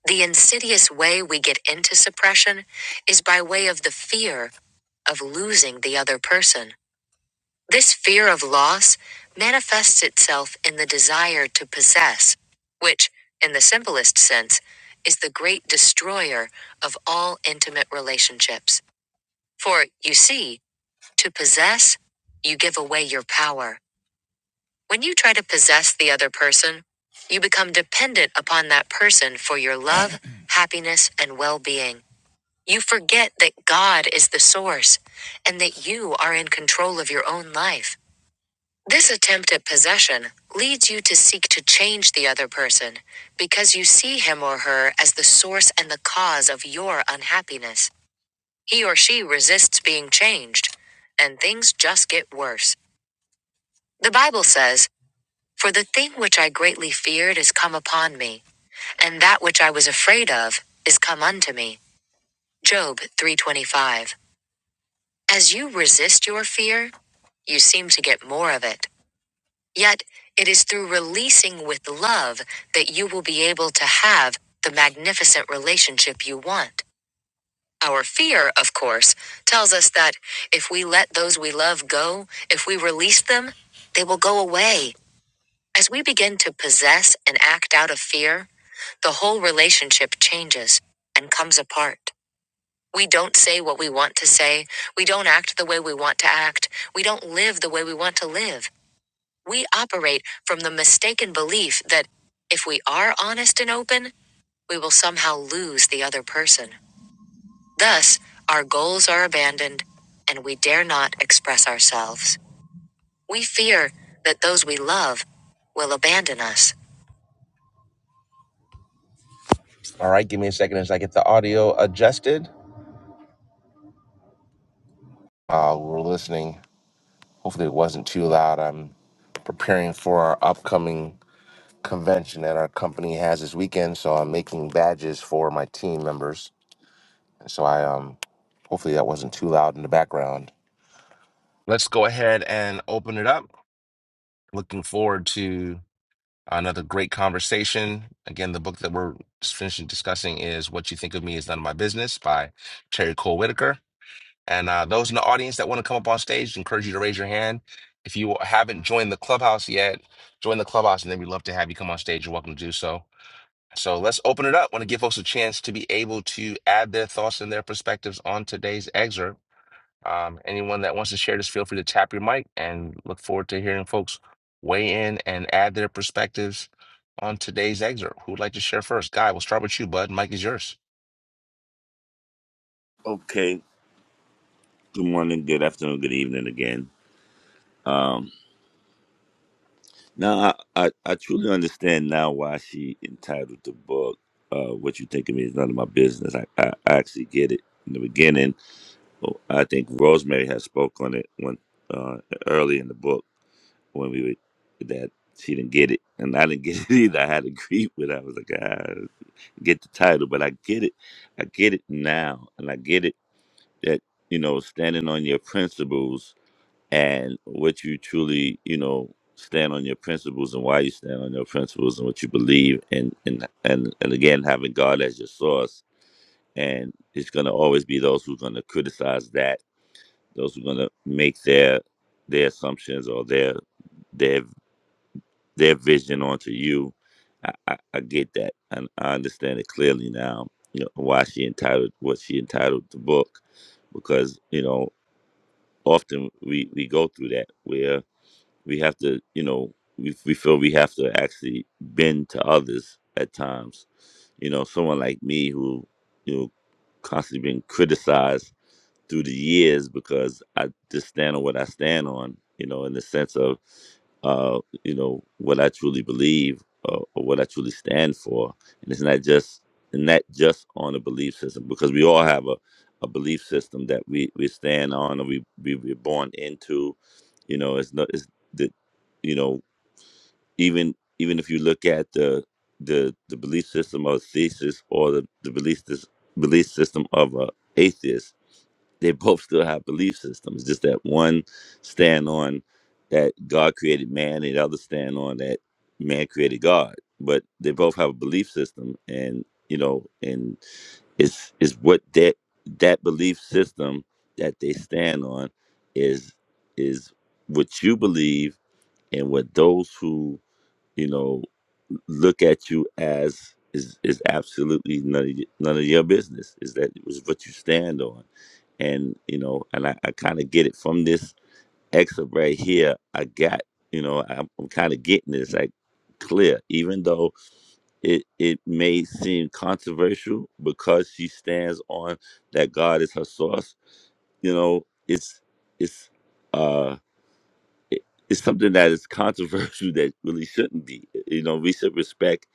The insidious way we get into suppression is by way of the fear of losing the other person. This fear of loss manifests itself in the desire to possess, which, in the simplest sense, is the great destroyer of all intimate relationships. For, you see, to possess, you give away your power. When you try to possess the other person, you become dependent upon that person for your love, happiness, and well being. You forget that God is the source and that you are in control of your own life. This attempt at possession leads you to seek to change the other person because you see him or her as the source and the cause of your unhappiness. He or she resists being changed, and things just get worse. The Bible says, For the thing which I greatly feared is come upon me, and that which I was afraid of is come unto me. Job 325. As you resist your fear, you seem to get more of it. Yet, it is through releasing with love that you will be able to have the magnificent relationship you want. Our fear, of course, tells us that if we let those we love go, if we release them, they will go away. As we begin to possess and act out of fear, the whole relationship changes and comes apart. We don't say what we want to say. We don't act the way we want to act. We don't live the way we want to live. We operate from the mistaken belief that if we are honest and open, we will somehow lose the other person. Thus, our goals are abandoned and we dare not express ourselves. We fear that those we love will abandon us. All right, give me a second as I get the audio adjusted. Uh, we're listening. Hopefully, it wasn't too loud. I'm preparing for our upcoming convention that our company has this weekend. So I'm making badges for my team members. So I um hopefully that wasn't too loud in the background. Let's go ahead and open it up. Looking forward to another great conversation. Again, the book that we're just finishing discussing is What You Think of Me Is None of My Business by Terry Cole Whitaker. And uh, those in the audience that want to come up on stage, encourage you to raise your hand. If you haven't joined the clubhouse yet, join the clubhouse, and then we'd love to have you come on stage. You're welcome to do so. So let's open it up. want to give folks a chance to be able to add their thoughts and their perspectives on today's excerpt. Um, anyone that wants to share this, feel free to tap your mic and look forward to hearing folks weigh in and add their perspectives on today's excerpt. Who would like to share first? Guy, we'll start with you, bud. Mike is yours. Okay. Good morning, good afternoon, good evening again. Um, now, I, I, I truly understand now why she entitled the book, uh, What You Think of Me is None of My Business. I, I, I actually get it in the beginning. Oh, I think Rosemary had spoke on it when, uh, early in the book when we were, that she didn't get it. And I didn't get it either. I had to agree with her. I was like, ah. get the title, but I get it. I get it now, and I get it that you know standing on your principles and what you truly you know stand on your principles and why you stand on your principles and what you believe and and and, and again having God as your source and it's going to always be those who're going to criticize that those who are going to make their their assumptions or their their their vision onto you. I, I, I get that, and I understand it clearly now. You know why she entitled what she entitled the book, because you know often we we go through that where we have to you know we we feel we have to actually bend to others at times. You know, someone like me who you know constantly being criticized through the years because I just stand on what I stand on, you know, in the sense of, uh, you know, what I truly believe or, or what I truly stand for. And it's not just not just on a belief system because we all have a, a belief system that we, we stand on or we, we we're born into, you know, it's not it's the you know, even even if you look at the the, the belief system of thesis or the, the belief, this, belief system of a atheist, they both still have belief systems. Just that one stand on that God created man, and the other stand on that man created God. But they both have a belief system, and you know, and it's it's what that that belief system that they stand on is is what you believe and what those who you know look at you as is is absolutely none of y- none of your business. Is that it was what you stand on, and you know, and I, I kind of get it from this excerpt right here. I got you know, I'm, I'm kind of getting this like clear, even though it it may seem controversial because she stands on that God is her source. You know, it's it's. uh, it's something that is controversial that really shouldn't be. You know, we should respect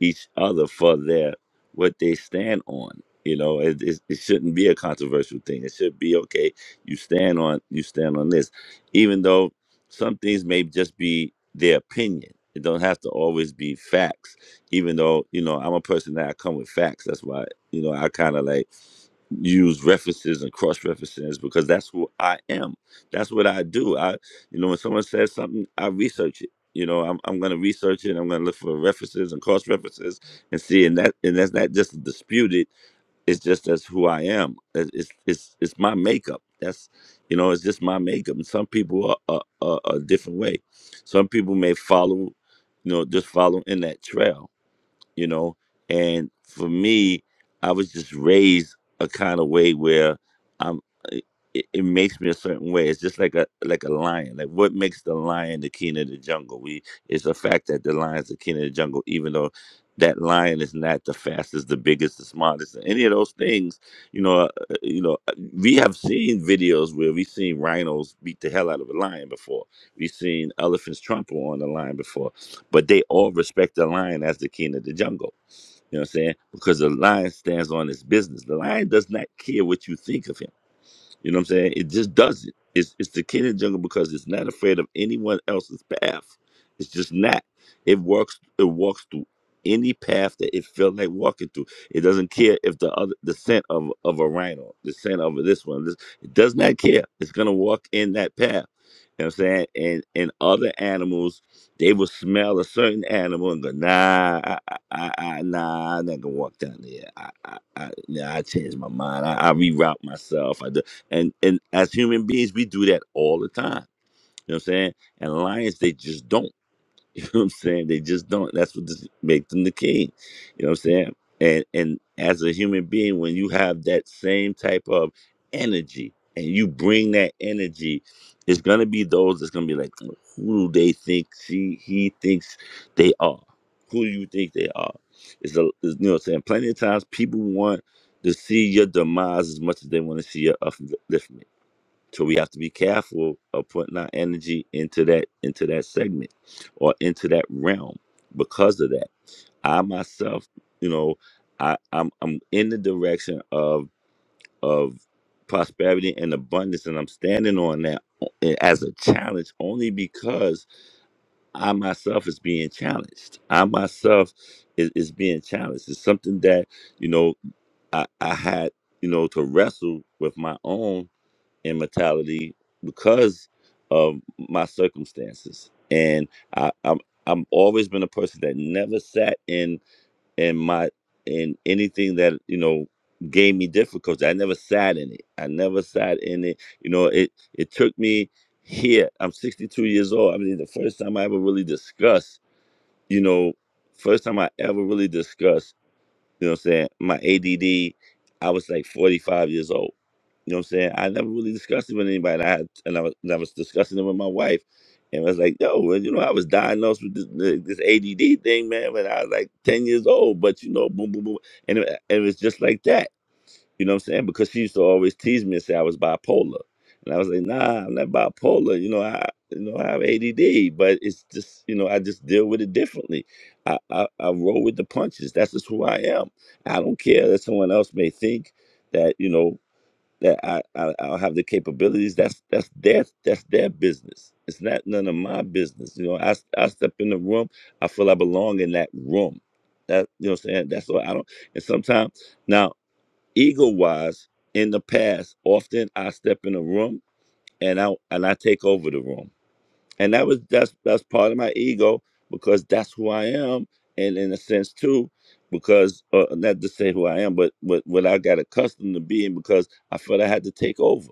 each other for their what they stand on. You know, it, it, it shouldn't be a controversial thing. It should be okay. You stand on you stand on this, even though some things may just be their opinion. It don't have to always be facts. Even though you know, I'm a person that I come with facts. That's why you know I kind of like use references and cross references because that's who I am. That's what I do. You know, when someone says something, I research it. You know, I'm, I'm going to research it. I'm going to look for references and cross references and see. And that and that's not just disputed. It's just that's who I am. It's it's it's it's my makeup. That's you know, it's just my makeup. And some people are, are, are, are a different way. Some people may follow, you know, just follow in that trail you know. And for me, I was just raised a kind of way where I'm. It, it it makes me a certain way. It's just like a like a lion. Like what makes the lion the king of the jungle? We it's a fact that the lion's the king of the jungle, even though that lion is not the fastest, the biggest, the smartest, any of those things. You know, uh, uh, you know, uh, we have seen videos where we've seen rhinos beat the hell out of a lion before. We've seen elephants trample on the lion before but they all respect the lion as the king of the jungle. You know what I'm saying? Because the lion stands on his business. The lion does not care what you think of him. You know what I'm saying? It just does it. It's it's the king and jungle because it's not afraid of anyone else's path. It's just not. It works. It walks through any path that it feels like walking through. It doesn't care if the other the scent of of a rhino, the scent of this one. This, it does not care. It's gonna walk in that path. You know what I'm saying? And and other animals, they will smell a certain animal and go, nah, I, I, I, I- nah, I'm not gonna walk down there. I, I, I, nah, I changed my mind. I, I reroute myself. And and as human beings, we do that all the time. You know what I'm saying? And lions, they just don't. You know what I'm saying? They just don't. That's what this, make them the king. You know what I'm saying? And and as a human being, when you have that same type of energy and you bring that energy, it's gonna be those that's gonna be like, who do they think she he thinks they are? Who do you think they are? It's a it's, you know what I'm saying? Plenty of times people want to see your demise as much as they want to see your upliftment. So we have to be careful of putting our energy into that into that segment or into that realm because of that. I myself, you know, I, I'm I'm in the direction of of prosperity and abundance and I'm standing on that eh, as a challenge only because I myself is being challenged. I myself is, is being challenged. It's something that, you know, I, I had, you know, to wrestle with my own in mortality because of my circumstances and I, i'm i'm always been a person that never sat in in my in anything that you know gave me difficulty i never sat in it i never sat in it you know it it took me here i'm 62 years old i mean the first time i ever really discussed you know first time i ever really discussed you know what I'm saying? My ADD, I was like 45 years old. You know what I'm saying? I never really discussed it with anybody. And I had, and I was, and I was discussing it with my wife, and I was like, "Yo, well, you know, I was diagnosed with this, this ADD thing, man, when I was like 10 years old." But you know, boom, boom, boom, and it, it was just like that you know what I'm saying? Because she used to always tease me and say I was bipolar. And I was like, nah, I'm not bipolar. You know, I you know, I have ADD, but it's just, you know, I just deal with it differently. I, I, I roll with the punches. That's just who I am. I don't care that someone else may think that, you know, that I, I I'll have the capabilities. That's that's their that's their business. It's not none of my business. You know, I, I step in the room, I feel I belong in that room. That you know what I'm saying? That's what I don't and sometimes now. Ego wise, in the past, often I step in a room and I and I take over the room. And that was that's that's part of my ego because that's who I am and in a sense too, because uh, not to say who I am, but what what I got accustomed to being because I felt I had to take over.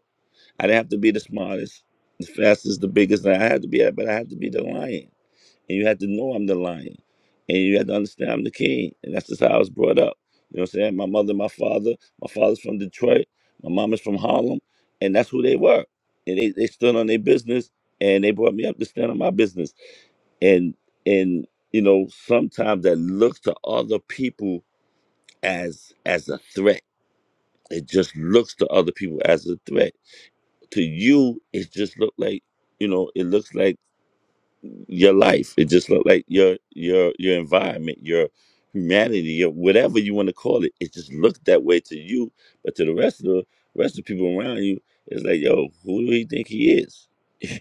I didn't have to be the smartest, the fastest, the biggest, and I had to be but I had to be the lion and you had to know I'm the lion, and you had to understand I'm the king, and that's just how I was brought up. You know what I'm saying? My mother, my father, my father's from Detroit, my mom is from Harlem, and that's who they were. And they, they stood on their business, and they brought me up to stand on my business. And and you know sometimes that looks to other people as as a threat. It just looks to other people as a threat. To you, it just looked like you know it looks like your life. It just looked like your your your environment, your humanity, your whatever you want to call it. It just looked that way to you, but to the rest of the rest of the people around you, it's like, yo, who do he think he is? you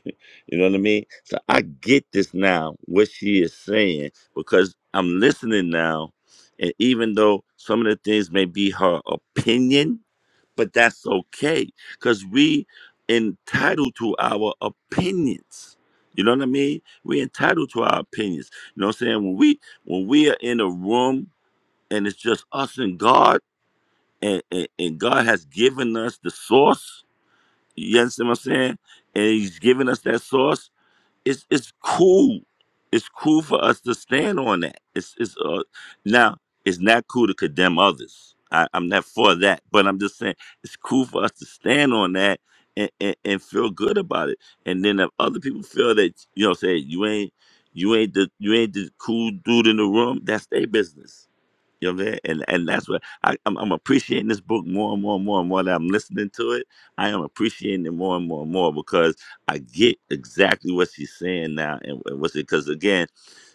know what I mean? So I get this now, what she is saying, because I'm listening now, and even though some of the things may be her opinion but that's okay because we entitled to our opinions you know what i mean we entitled to our opinions you know what i'm saying when we when we are in a room and it's just us and god and and, and god has given us the source you understand what i'm saying and he's given us that source it's it's cool. It's cool for us to stand on that. It's it's uh, now it's not cool to condemn others. I, I'm not for that, but I'm just saying it's cool for us to stand on that and, and, and feel good about it. And then if other people feel that you know, say you ain't you ain't the you ain't the cool dude in the room, that's their business you know what I'm saying? And and that's what I, I'm, I'm appreciating this book more and more and more and more that I'm listening to it. I am appreciating it more and more and more because I get exactly what she's saying now and, and what's it because again,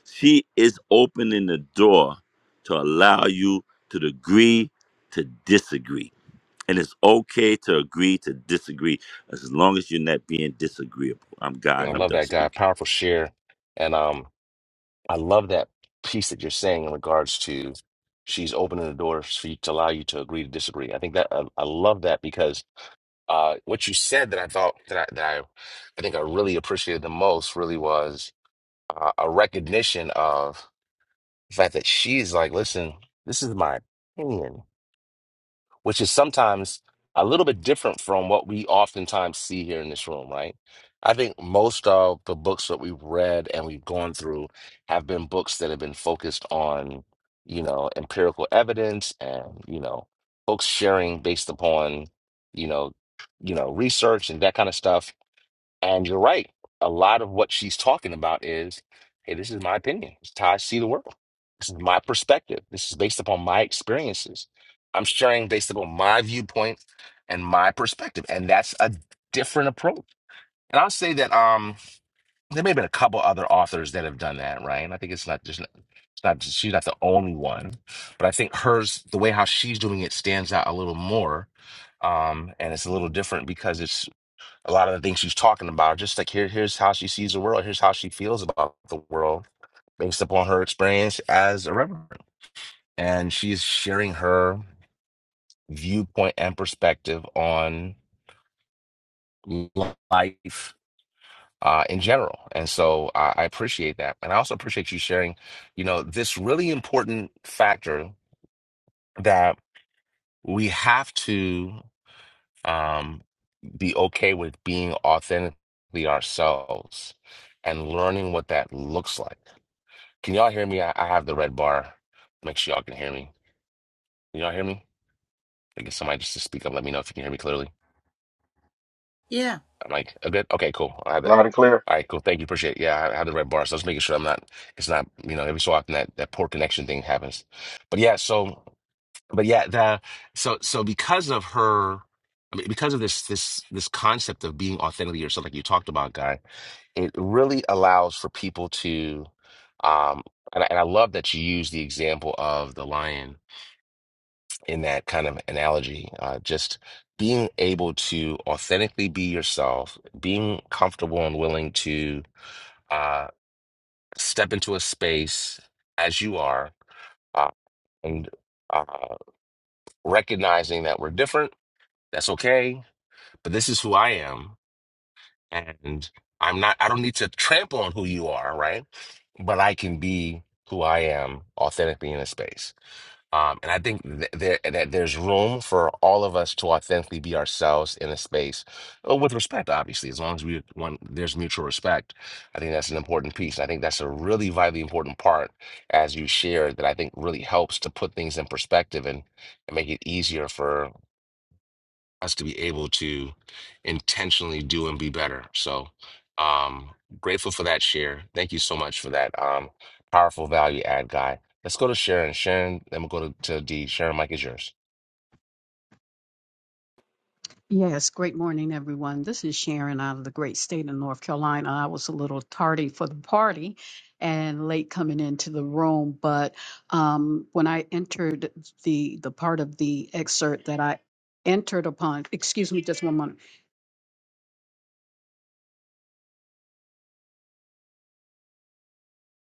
she is opening the door to allow you to agree to disagree. And it's okay to agree to disagree as long as you're not being disagreeable. I'm God I and I'm love done that guy. speaking. Powerful share. And um, I love that piece that you're saying in regards to she's opening the door for you to allow you to agree to disagree. I think that I, I love that because Uh, what you said that I thought that I, that I, I think I really appreciated the most really was uh, a recognition of the fact that she's like, listen, this is my opinion which is sometimes a little bit different from what we oftentimes see here in this room, right? I think most of the books that we've read and we've gone through have been books that have been focused on, you know, empirical evidence and, you know, folks sharing based upon, you know, you know, research and that kind of stuff and you're right. A lot of what she's talking about is, hey, this is my opinion. This is how I see the world. This is my perspective. This is based upon my experiences. I'm sharing based upon my viewpoint and my perspective. And that's a different approach. And I'll say that um there may have been a couple other authors that have done that, right? And I think it's not just it's not she's not the only one. But I think hers, the way how she's doing it stands out a little more. Um, and it's a little different because it's a lot of the things she's talking about. Just like here, here's how she sees the world. Here's how she feels about the world based upon her experience as a reverend. And she's sharing her viewpoint and perspective on life uh, in general. And so I, I appreciate that. And I also appreciate you sharing, you know, this really important factor that we have to um, be okay with being authentically ourselves and learning what that looks like Can y'all hear me? I, I have the red bar. Make sure y'all can hear me. Can y'all hear me? I guess somebody just to speak up. Let me know if you can hear me clearly. Yeah, I'm like, oh, good. Okay, cool. I have that. Loud and clear. All right, cool. Thank you. Appreciate it. Yeah, I I have the red bar. So just making sure I'm not, it's not, you know, every so often that, that poor connection thing happens. But yeah, so, but yeah, the, so, so because of her, I mean, because of this, this, this concept of being authentically yourself, like you talked about, Guy, it really allows for people to, um, and I, and I love that you use the example of the lion in that kind of analogy, uh, just being able to authentically be yourself, being comfortable and willing to uh, step into a space as you are, uh, and uh, recognizing that we're different. That's okay, but this is who I am, and I'm not. I don't need to trample on who you are, right? But I can be who I am authentically in a space. Um, and I think th there, that there's room for all of us to authentically be ourselves in a space, uh, with respect, obviously, as long as we want, there's mutual respect. I think that's an important piece. I think that's a really vitally important part, as you shared, that I think really helps to put things in perspective and, and make it easier for us to be able to intentionally do and be better. So, um, grateful for that share. Thank you so much for that um, powerful value add guy. Let's go to Sharon. Sharon, then we'll go to, to D. Sharon, Mike is yours. Yes, great morning, everyone. This is Sharon out of the great state of North Carolina. I was a little tardy for the party and late coming into the room, but um, when I entered the the part of the excerpt that I entered upon, excuse me, just one moment.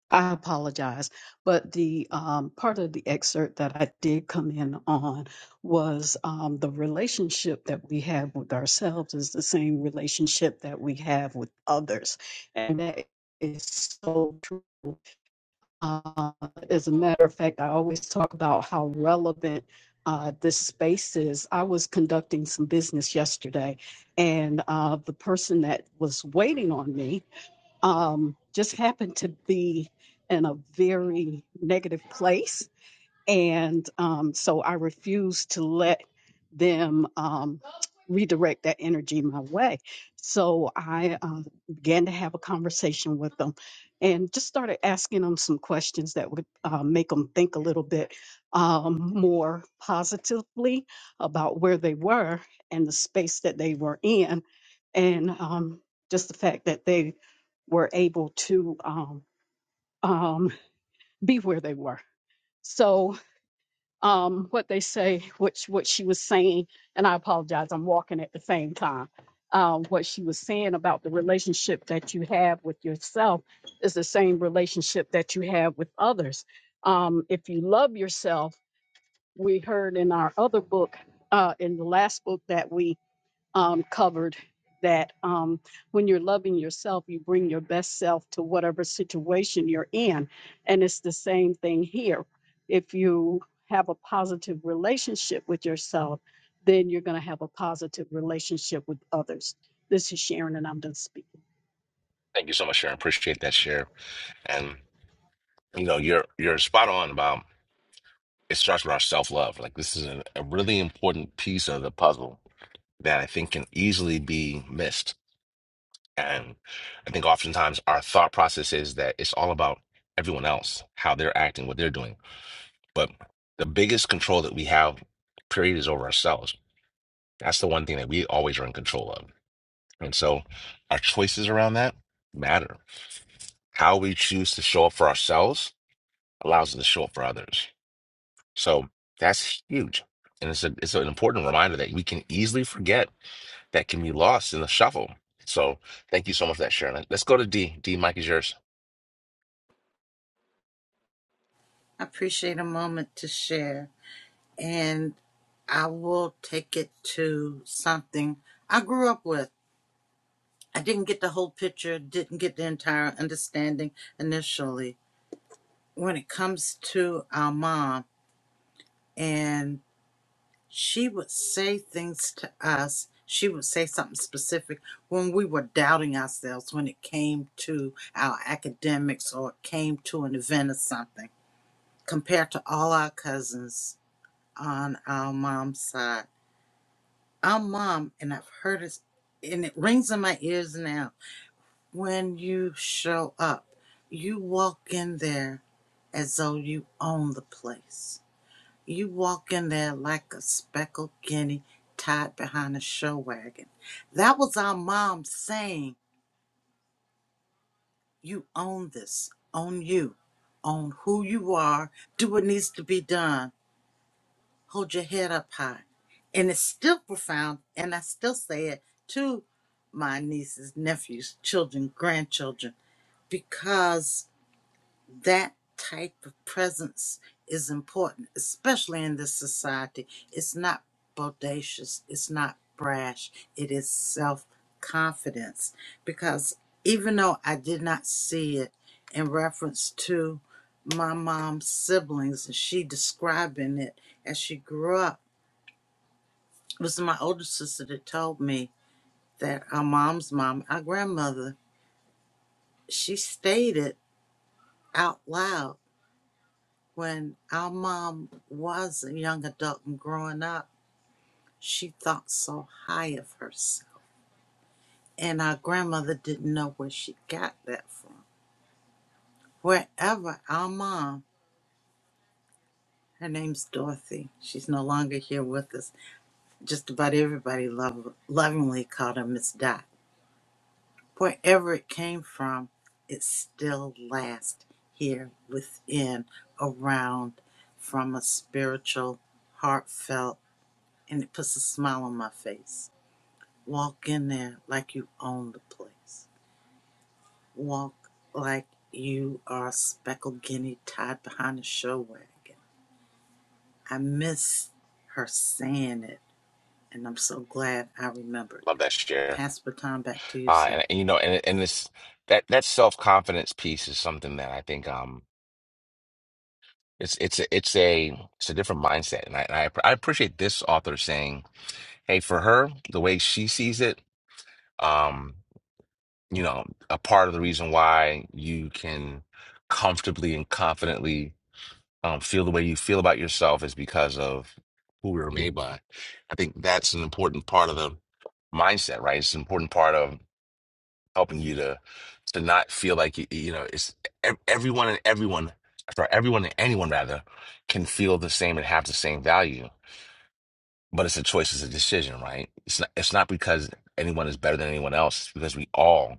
I apologize, but the um, part of the excerpt that I did come in on was um, the relationship that we have with ourselves is the same relationship that we have with others. And that is so true. Uh, as a matter of fact, I always talk about how relevant uh, this space is. I was conducting some business yesterday, and uh, the person that was waiting on me um, just happened to be in a very negative place and um, so I refuse to let them um, redirect that energy my way. So I um, began to have a conversation with them, and just started asking them some questions that would uh, make them think a little bit um, more positively about where they were and the space that they were in, and um, just the fact that they were able to um, um, be where they were. So um, what they say, which what she was saying, and I apologize, I'm walking at the same time. Um, what she was saying about the relationship that you have with yourself is the same relationship that you have with others. Um, if you love yourself, we heard in our other book, uh, in the last book that we um, covered that um, when you're loving yourself, you bring your best self to whatever situation you're in. And it's the same thing here. If you have a positive relationship with yourself, then you're going to have a positive relationship with others. This is Sharon, and I'm done speaking. Thank you so much, Sharon. Appreciate that share. And you know, you're you're spot on about it starts with our self love. Like this is a, a really important piece of the puzzle that I think can easily be missed And I think oftentimes our thought process is that it's all about everyone else, how they're acting, what they're doing. But the biggest control that we have, period, is over ourselves. That's the one thing that we always are in control of. And so our choices around that matter. How we choose to show up for ourselves allows us to show up for others. So that's huge. And it's, a, it's an important reminder that we can easily forget that can be lost in the shuffle. So thank you so much for that, Sharon. Let's go to D. D, Mike is yours. I appreciate a moment to share. And I will take it to something I grew up with. I didn't get the whole picture, didn't get the entire understanding initially. When it comes to our mom, and. she would say things to us. She would say something specific when we were doubting ourselves when it came to our academics or it came to an event or something, compared to all our cousins on our mom's side. Our mom, and I've heard it, and it rings in my ears now when you show up, you walk in there as though you own the place You walk in there like a speckled guinea tied behind a show wagon. That was our mom saying, You own this, own you, own who you are, do what needs to be done, hold your head up high. And it's still profound, and I still say it to my nieces, nephews, children, grandchildren, because that type of presence is important, especially in this society. It's not bodacious, it's not brash, it is self confidence. Because even though I did not see it in reference to my mom's siblings and she describing it as she grew up, it was my older sister that told me that our mom's mom, our grandmother, she stated out loud when our mom was a young adult and growing up, she thought so high of herself. And our grandmother didn't know where she got that from. Wherever our mom, her name's Dorothy, she's no longer here with us. Just about everybody lov- lovingly called her Miss Dot. Wherever it came from, it still lasts here within, around, from a spiritual, heartfelt, and it puts a smile on my face Walk in there like you own the place. Walk like you are a speckled guinea tied behind a show wagon. I miss her saying it, and I'm so glad I remembered. Love that share. Pass the baton back to you, Uh, sir. and, and, you know, and and this that that self confidence piece is something that I think um it's it's a, it's a it's a different mindset, and I and I, app- I appreciate this author saying, hey, for her the way she sees it, um, you know, a part of the reason why you can comfortably and confidently um, feel the way you feel about yourself is because of who we were made by. I think that's an important part of the mindset, right? It's an important part of helping you to to not feel like you, you know it's ev- everyone and everyone sorry everyone and anyone rather can feel the same and have the same value but it's a choice it's a decision right it's not it's not because anyone is better than anyone else it's because we all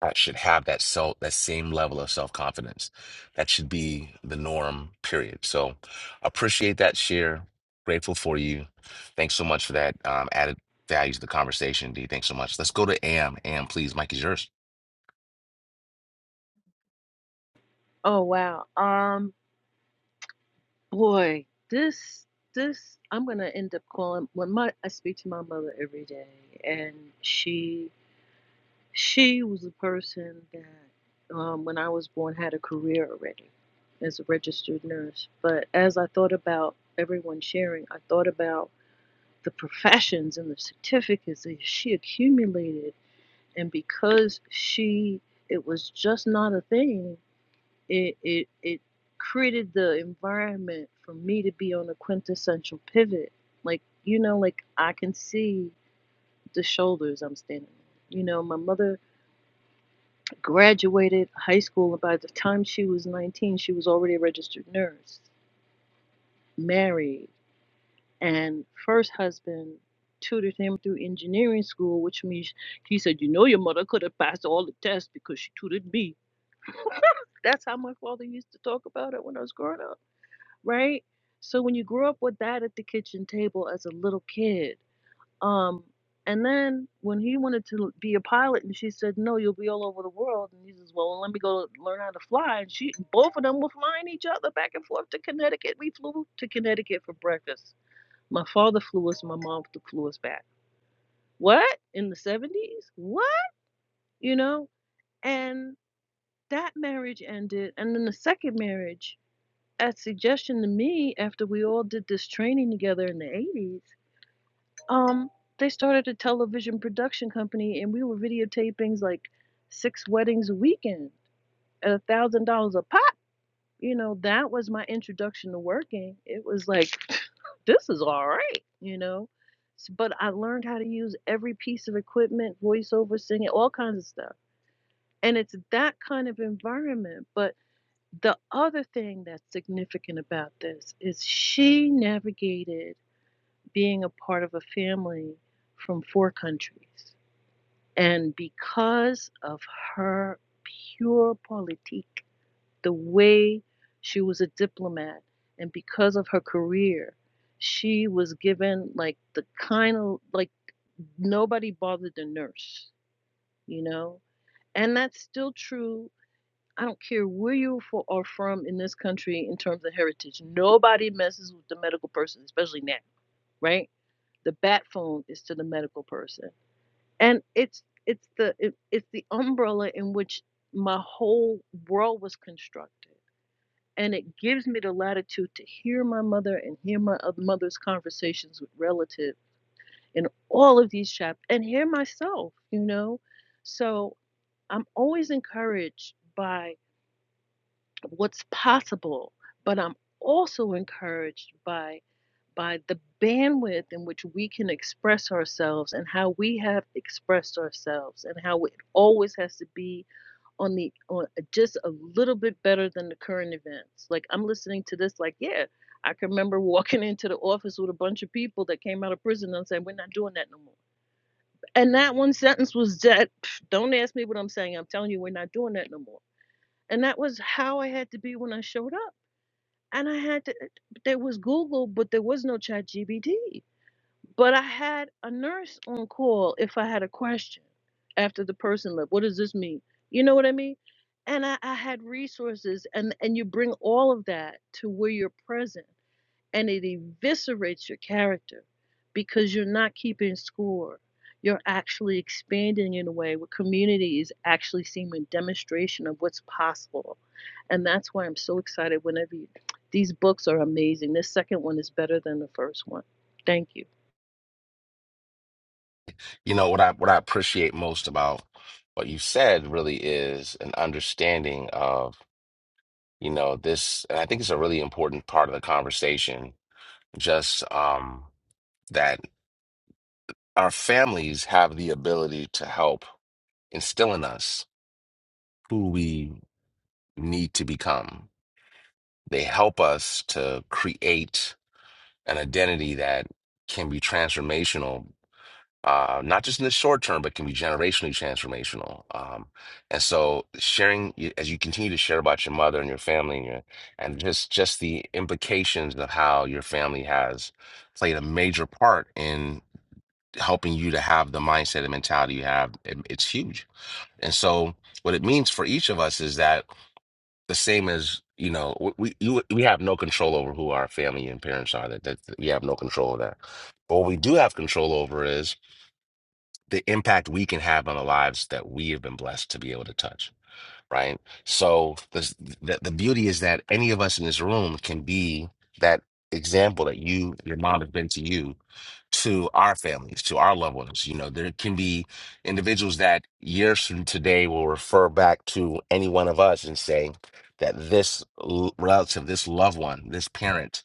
that should have that self that same level of self-confidence that should be the norm period so appreciate that share grateful for you thanks so much for that um, added value to the conversation d thanks so much let's go to am am please mike is yours Oh wow, um, boy, this this I'm gonna end up calling when my I speak to my mother every day, and she She was a person that, um, when I was born, had a career already as a registered nurse. But as I thought about everyone sharing, I thought about the professions and the certificates that she accumulated. And because she, it was just not a thing, it, it, it created the environment for me to be on a quintessential pivot. Like, you know, like I can see the shoulders I'm standing on. You know, my mother graduated high school. And by the time she was 19, she was already a registered nurse, married, and first husband tutored him through engineering school, which means he said, You know, your mother could have passed all the tests because she tutored me. That's how my father used to talk about it when I was growing up, right? So when you grow up with that at the kitchen table as a little kid, um, and then when he wanted to be a pilot, and she said, "No, you'll be all over the world," and he says, "Well, well, let me go learn how to fly." And she, both of them were flying each other back and forth to Connecticut. We flew to Connecticut for breakfast. My father flew us. My mom flew us back. What in the seventies? What you know? And that marriage ended. And then the second marriage, at suggestion to me, after we all did this training together in the eighties Um, they started a television production company, and we were videotapings like six weddings a weekend at a thousand dollars a pop. You know, that was my introduction to working. It was like, this is all right, you know. S- But I learned how to use every piece of equipment, voiceover, singing, all kinds of stuff. And it's that kind of environment. But the other thing that's significant about this is she navigated being a part of a family from four countries And because of her pure politique, the way she was a diplomat, and because of her career, she was given like the kind of like nobody bothered the nurse, you know? And that's still true. I don't care where you for, are from in this country in terms of heritage. Nobody messes with the medical person, especially now, right? The bat phone is to the medical person and it's it's the it, it's the umbrella in which my whole world was constructed and it gives me the latitude to hear my mother and hear my oth- mother's conversations with relatives, in all of these chapters and hear myself you know so i'm always encouraged by what's possible but i'm also encouraged by by the bandwidth in which we can express ourselves and how we have expressed ourselves and how it always has to be on the on just a little bit better than the current events like i'm listening to this like yeah i can remember walking into the office with a bunch of people that came out of prison and saying we're not doing that no more and that one sentence was that don't ask me what i'm saying i'm telling you we're not doing that no more and that was how i had to be when i showed up and i had to there was google but there was no chat gbt but I had a nurse on call if I had a question after the person left. What does this mean? You know what I mean? And I, I had resources and, and you bring all of that to where you're present and it eviscerates your character because you're not keeping score. You're actually expanding in a way where community is actually seeing a demonstration of what's possible. And that's why I'm so excited whenever you, these books are amazing. This second one is better than the first one. Thank you. you know what i what i appreciate most about what you said really is an understanding of. you know this and i think it's a really important part of the conversation just um that our families have the ability to help instill in us who we need to become they help us to create an identity that can be transformational uh, not just in the short term, but can be generationally transformational. Um, and so, sharing y- as you continue to share about your mother and your family, and, your, and just just the implications of how your family has played a major part in helping you to have the mindset and mentality you have, it- it's huge. And so, what it means for each of us is that the same as you know, w- we you, we have no control over who our family and parents are. That, that that we have no control of that. But what we do have control over is the impact we can have on the lives that we have been blessed to be able to touch, right? So this, the the beauty is that any of us in this room can be that example that you your mom has been to you to our families, to our loved ones. You know, there can be individuals that years from today will refer back to any one of us and say that this l- relative, this loved one, this parent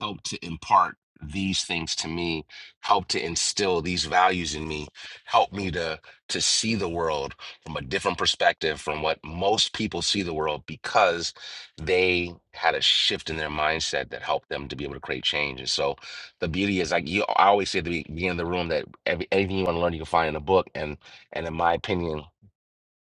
helped to impart these things to me helped to instill these values in me helped me to to see the world from a different perspective from what most people see the world because they had a shift in their mindset that helped them to be able to create change and so the beauty is like you i always say at the beginning of the room that every, anything you want to learn you can find in a book and and in my opinion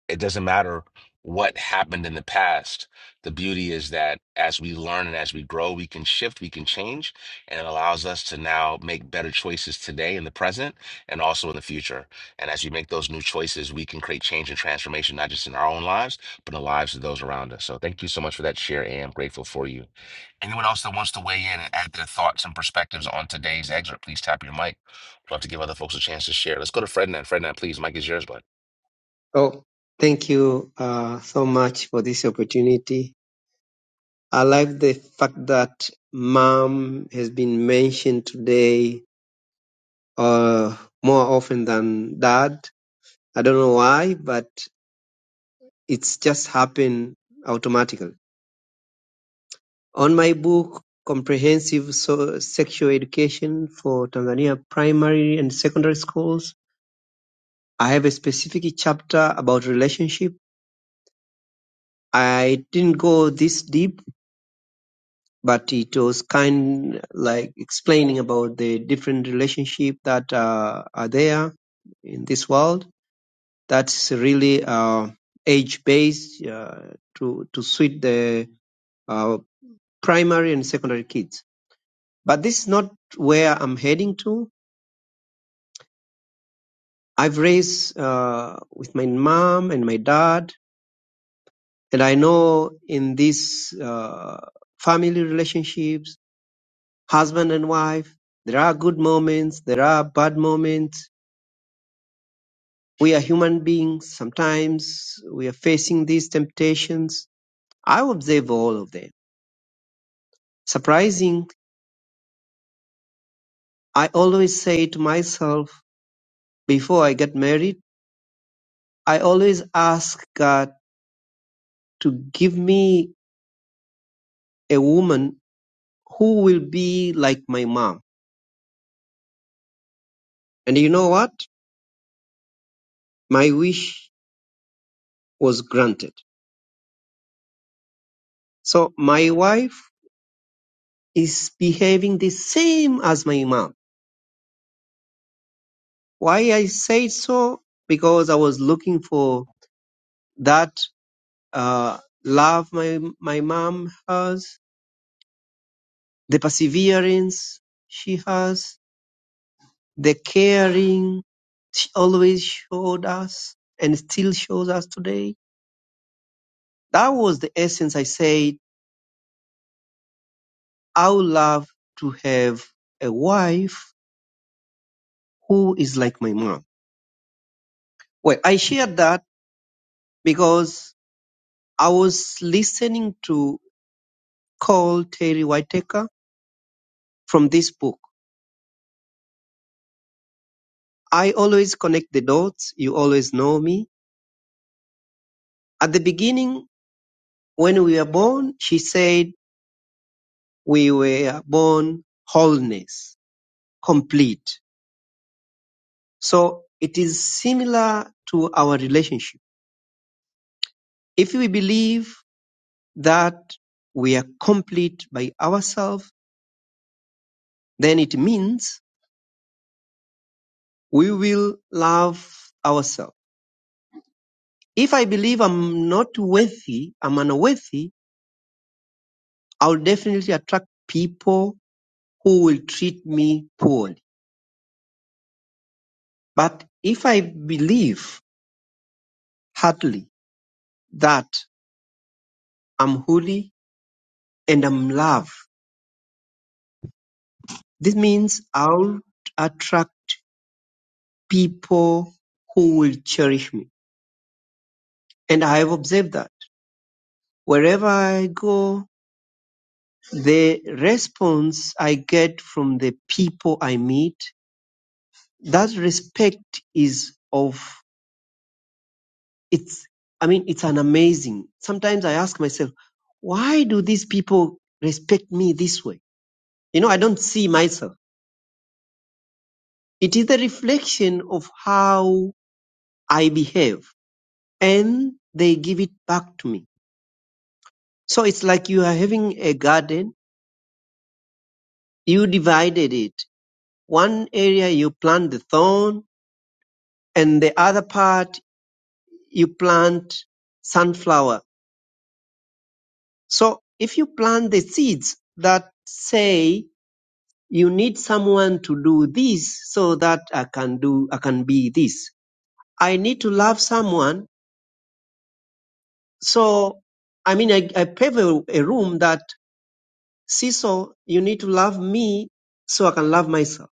it doesn't matter what happened in the past. The beauty is that as we learn and as we grow, we can shift, we can change, and it allows us to now make better choices today in the present and also in the future. And as we make those new choices, we can create change and transformation, not just in our own lives, but in the lives of those around us. So thank you so much for that share, and I'm grateful for you. Anyone else that wants to weigh in and add their thoughts and perspectives on today's excerpt, please tap your mic. We'd Love to give other folks a chance to share. Let's go to Frednan. Frednan, please, mic is yours, bud. Oh, thank you uh, so much for this opportunity. I like the fact that mom has been mentioned today uh, more often than dad. I don't know why, but it's just happened automatically. On my book, Comprehensive so- Sexual Education for Tanzania Primary and Secondary Schools, I have a specific chapter about relationship. I didn't go this deep but it was kind like explaining about the different relationship that uh, are there in this world that's really uh, age based uh, to to suit the uh, primary and secondary kids but this is not where i'm heading to i've raised uh, with my mom and my dad and i know in these uh, family relationships husband and wife there are good moments there are bad moments We are human beings. Sometimes we are facing these temptations. I observe all of them. Surprising, I always say to myself before I get married, I always ask God to give me a woman who will be like my mom. And you know what? My wish was granted. So my wife is behaving the same as my mom. Why I say so? Because I was looking for that uh, love my my mom has, the perseverance she has, the caring she always showed us and still shows us today. That was the essence. I said I would love to have a wife who is like my mom. Well, I shared that because I was listening to Call Terry Whitaker from this book. I always connect the dots. You always know me. At the beginning, When we were born, she said we were born wholeness, complete. So it is similar to our relationship. If we believe that we are complete by ourselves, then it means we will love ourselves. If I believe I'm not worthy, I'm unworthy, I'll definitely attract people who will treat me poorly. But if I believe heartily that I'm holy and I'm love. This means I'll attract people who will cherish me. And I have observed that wherever I go, the response I get from the people I meet, that respect is of, it's, I mean, it's an amazing. Sometimes I ask myself, why do these people respect me this way? You know, I don't see myself. It is a reflection of how I behave and they give it back to me. So it's like you are having a garden, you divided it. One area you plant the thorn, and the other part you plant sunflower. So if you plant the seeds that say you need someone to do this so that I can do, I can be this. I need to love someone. So, I mean, I, I pave a, a room that, Cecil, you need to love me so I can love myself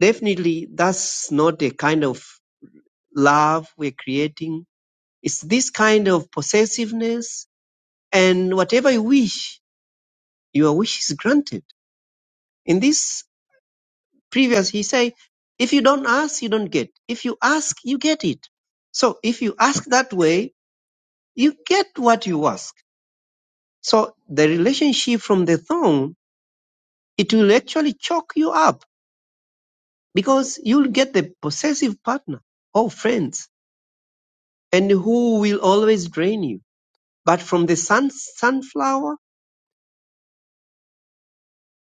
definitely that's not a kind of love we're creating. It's this kind of possessiveness and whatever you wish, your wish is granted. In this previous, he say, if you don't ask, you don't get. If you ask, you get it. So if you ask that way, you get what you ask. So the relationship from the throne, it will actually choke you up because you'll get the possessive partner or friends and who will always drain you But from the sun, sunflower,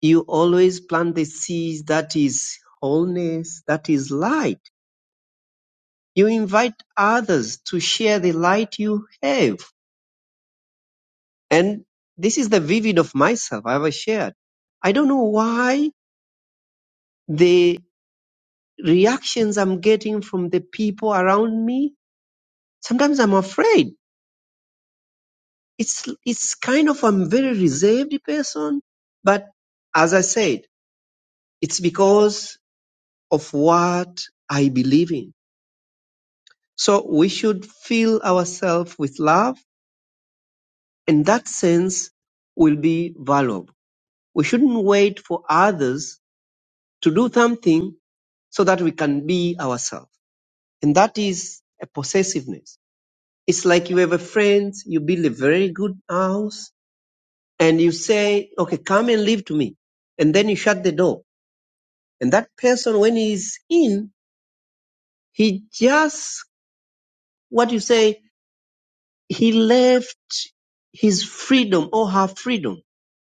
you always plant the seeds that is wholeness, that is light. You invite others to share the light you have. And this is the vivid of myself I ever shared. I don't know why the reactions I'm getting from the people around me, sometimes I'm afraid. It's, it's kind of, I'm very reserved person. But as I said, it's because of what I believe in So we should fill ourselves with love, and that sense will be valuable. We shouldn't wait for others to do something so that we can be ourselves. And that is a possessiveness. It's like you have a friend, you build a very good house, and you say, okay, come and live to me. And then you shut the door. And that person, when he's in, he just, what you say, he left his freedom or her freedom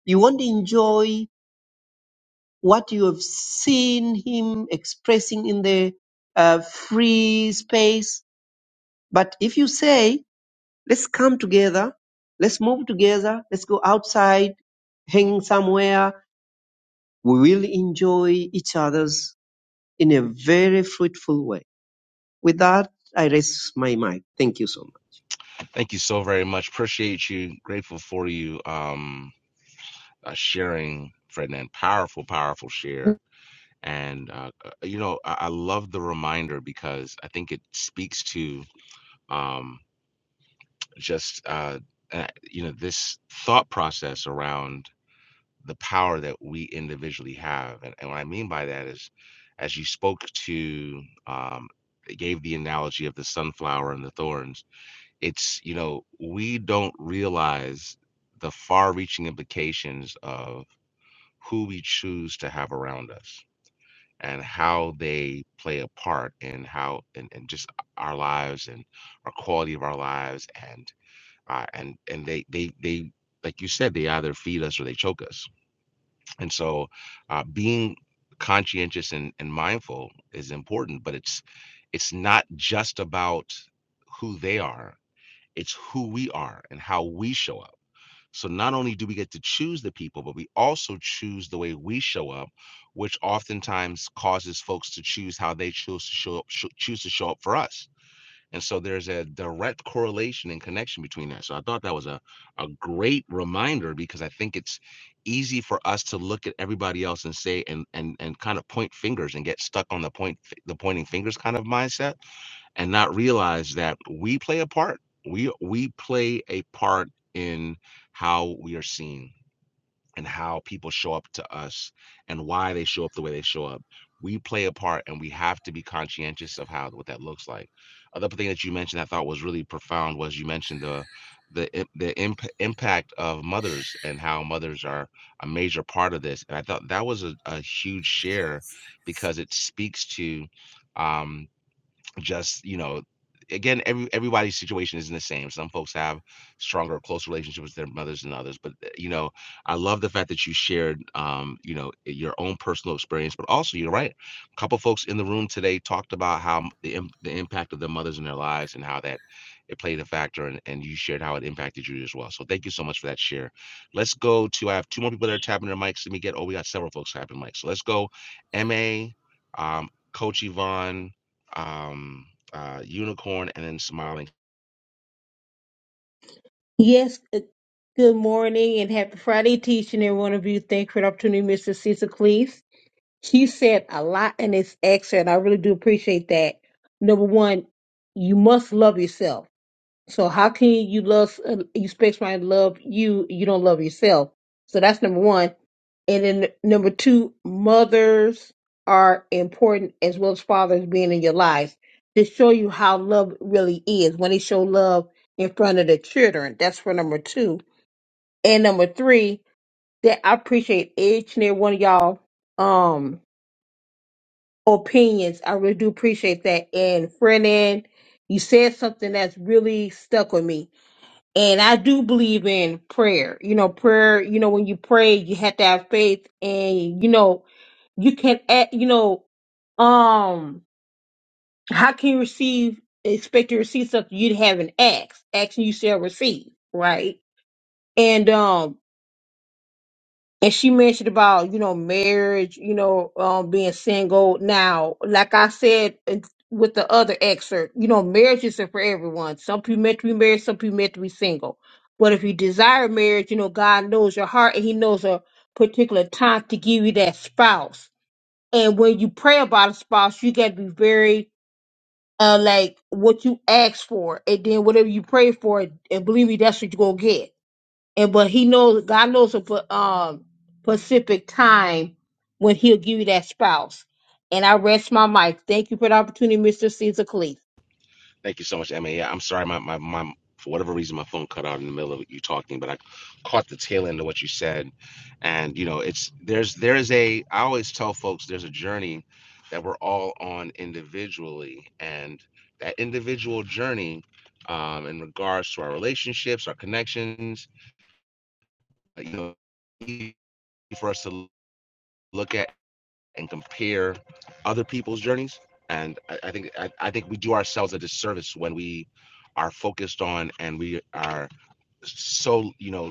You won't enjoy what you have seen him expressing in the uh, free space. But if you say, let's come together, let's move together, let's go outside, hang somewhere, we will enjoy each other's in a very fruitful way. With that, I raise my mic. Thank you so much. Thank you so very much. Appreciate you. Grateful for you um, uh, sharing, Ferdinand. Powerful, powerful share. And, uh, uh, you know, I, I love the reminder because I think it speaks to um, just, uh, uh, you know, this thought process around the power that we individually have. And, and what I mean by that is, as you spoke to, um, gave the analogy of the sunflower and the thorns it's you know we don't realize the far-reaching implications of who we choose to have around us and how they play a part in how and, and just our lives and our quality of our lives and uh, and and they they they like you said they either feed us or they choke us and so uh, being conscientious and, and mindful is important but it's it's not just about who they are it's who we are and how we show up. So not only do we get to choose the people, but we also choose the way we show up, which oftentimes causes folks to choose how they choose to show up, sho- choose to show up for us. And so there's a direct correlation and connection between that. So I thought that was a, a great reminder because I think it's easy for us to look at everybody else and say and and and kind of point fingers and get stuck on the point the pointing fingers kind of mindset and not realize that we play a part. We we play a part in how we are seen and how people show up to us and why they show up the way they show up. We play a part and we have to be conscientious of how what that looks like. Other thing that you mentioned I thought was really profound was you mentioned the the im- the imp, impact of mothers and how mothers are a major part of this. And I thought that was a, a huge share because it speaks to um, just, you know, again, every everybody's situation isn't the same. Some folks have stronger, close relationships with their mothers than others. But uh, you know, I love the fact that you shared, um, you know, eh, your own personal experience. But also, you're right. A couple folks in the room today talked about how m- the im- the impact of their mothers in their lives and how that it played a factor. And and you shared how it impacted you as well. So thank you so much for that share. Let's go to. I have two more people that are tapping their mics. Let me get. Oh, we got several folks tapping mics. So let's go. Ma. Um, Coach Yvonne, um, uh, unicorn, and then smiling. Yes. uh, Good morning and happy Friday, teaching every one of you. Thank you for the opportunity, Mrs. Cecil Cleese. She said a lot in this excerpt. and I really do appreciate that. Number one, you must love yourself So how can you love uh, you expect somebody to love you? You don't love yourself. So that's number one. And then number two, mothers are important as well as fathers being in your lives to show you how love really is when they show love in front of the children. That's for number two. And number three, that I appreciate each and every one of y'all um opinions. I really do appreciate that. And Frenan, you said something that's really stuck with me and I do believe in prayer. You know, prayer, you know, when you pray, you have to have faith and, you know, you can act, you know, um, how can you receive, expect to receive something you haven't asked? Action you shall receive, right? And, um, and she mentioned about you know marriage you know um being single now like i said in- with the other excerpt you know marriage isn't for everyone some people meant to be married some people meant to be single but if you desire marriage you know god knows your heart and he knows a particular time to give you that spouse and when you pray about a spouse you got to be very uh like what you ask for and then whatever you pray for and believe me that's what you're gonna get and but he knows God knows a pa- um specific time when He'll give you that spouse. And I rest my mic. Thank you for the opportunity, Mr. Caesar Cleese. Thank you so much, Emma. Yeah, I'm sorry, my, my my for whatever reason my phone cut out in the middle of you talking, but I caught the tail end of what you said. And you know, it's there's there is a I always tell folks there's a journey that we're all on individually, and that individual journey um, in regards to our relationships, our connections, uh, you know, for us to look at and compare other people's journeys. And I, I think I, I think we do ourselves a disservice when we are focused on and we are so you know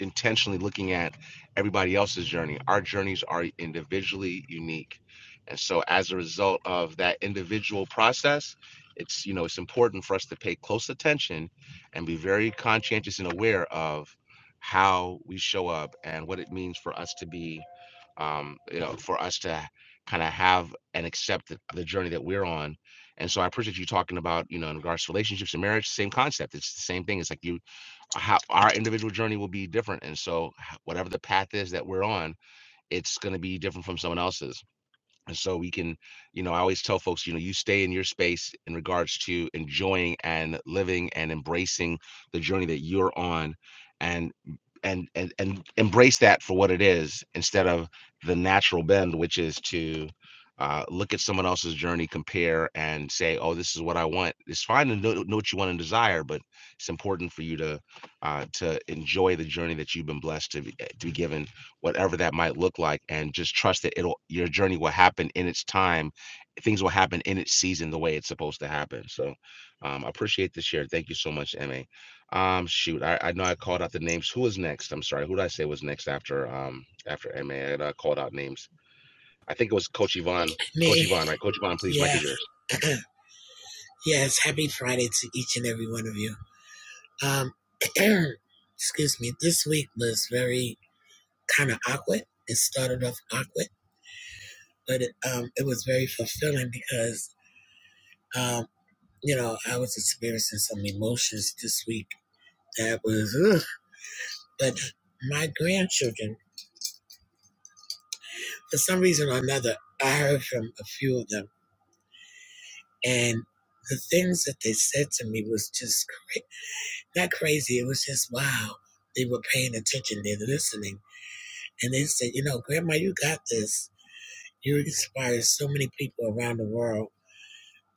intentionally looking at everybody else's journey. Our journeys are individually unique. And so as a result of that individual process, it's you know it's important for us to pay close attention and be very conscientious and aware of how we show up and what it means for us to be um, you know for us to kind of have and accept the, the journey that we're on and so i appreciate you talking about you know in regards to relationships and marriage same concept it's the same thing it's like you how our individual journey will be different. And so, h- whatever the path is that we're on, it's going to be different from someone else's. And so we can, you know, I always tell folks, you know, you stay in your space in regards to enjoying and living and embracing the journey that you're on and and and and embrace that for what it is instead of the natural bend, which is to uh, look at someone else's journey, compare, and say, "Oh, this is what I want." It's fine to know, know what you want and desire, but it's important for you to uh, to enjoy the journey that you've been blessed to be, eh, to be given whatever that might look like, and just trust that it'll your journey will happen in its time. Things will happen in its season the way it's supposed to happen. So um, I appreciate the share. Thank you so much, MA. Um, shoot, I, I know I called out the names. Who was next? I'm sorry. Who did I say was next after um after MA? I, I uh, called out names. I think it was Coach Yvonne. Coach Me, Yvonne, right? Coach Yvonne, please, Mike yeah. is yours. yes, happy Friday to each and every one of you. Um, excuse me. This week was very kind of awkward. It started off awkward, but it, um, it was very fulfilling because, um, you know, I was experiencing some emotions this week that was, ugh. but my grandchildren, for some reason or another, I heard from a few of them, and the things that they said to me was just that crazy. It was just wow. They were paying attention, they were listening. And they said, you know, Grandma, you got this. You inspire so many people around the world.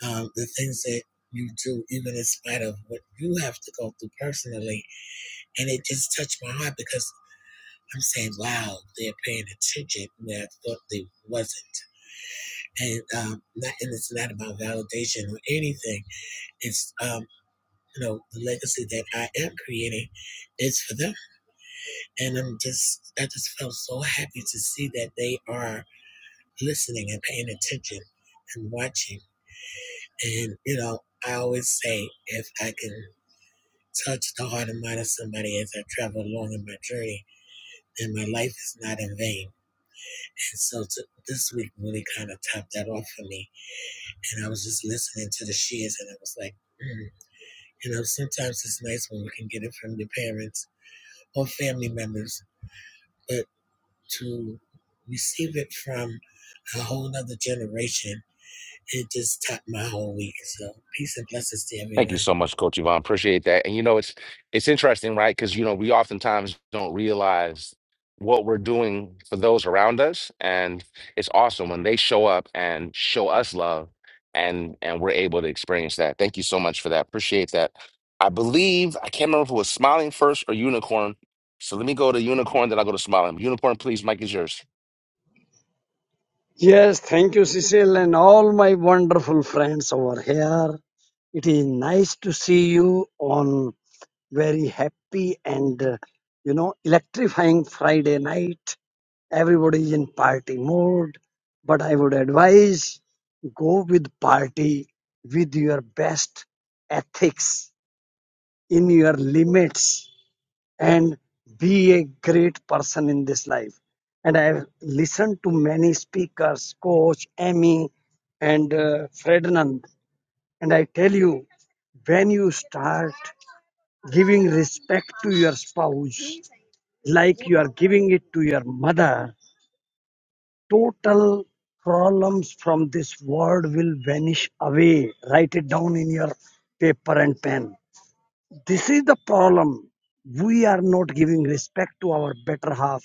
Um, the things that you do, even in spite of what you have to go through personally. And it just touched my heart because I'm saying, wow, they're paying attention where I thought they wasn't. And um, not, and it's not about validation or anything. It's um, you know the legacy that I am creating is for them. And I'm just, I just felt so happy to see that they are listening and paying attention and watching. And, you know, I always say if I can touch the heart and mind of somebody as I travel along in my journey, then my life is not in vain. And so to, this week really kind of topped that off for me. And I was just listening to the shears and I was like, mm. you know, sometimes it's nice when we can get it from the parents or family members but. to receive it from a whole other generation. It just topped my whole week. So peace and blessings to Thank you everyone. so much, Coach Yvonne. Appreciate that. And you know, it's it's interesting, right? Because you know, we oftentimes don't realize what we're doing for those around us, and it's awesome when they show up and show us love, and and we're able to experience that. Thank you so much for that. Appreciate that. I believe I can't remember if it was smiling first or unicorn. So let me go to unicorn, then I'll go to smiling. Unicorn, please, Mike is yours. Yes, thank you, Cecil, and all my wonderful friends over here. It is nice to see you on very happy and uh, you know electrifying Friday night. Everybody is in party mode, but I would advise go with party with your best ethics in your limits and be a great person in this life. And I have listened to many speakers, Coach, Amy, and uh, Ferdinand. And I tell you, when you start giving respect to your spouse, like you are giving it to your mother, total problems from this world will vanish away. Write it down in your paper and pen. This is the problem we are not giving respect to our better half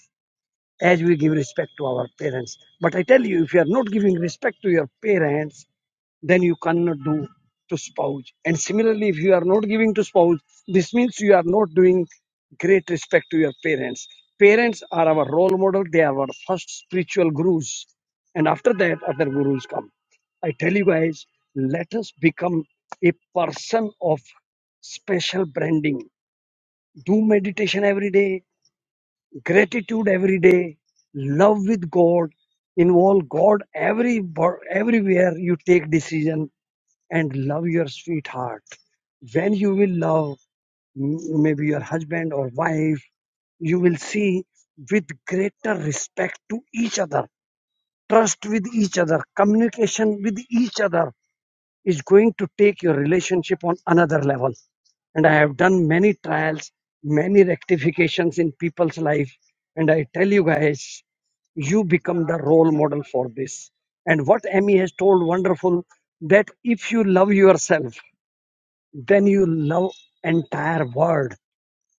as we give respect to our parents. But I tell you, if you are not giving respect to your parents, then you cannot do to spouse. And similarly, if you are not giving to spouse, this means you are not doing great respect to your parents. Parents are our role model, they are our first spiritual gurus. And after that, other gurus come. I tell you guys, let us become a person of special branding. Do meditation every day gratitude every day, love with God, involve God every everywhere you take decision, and love your sweetheart. When you will love m- maybe your husband or wife, you will see with greater respect to each other, trust with each other, communication with each other is going to take your relationship on another level and I have done many trials, many rectifications in people's life. And I tell you guys, you become the role model for this. And what Emmy has told wonderful that if you love yourself, then you love entire world.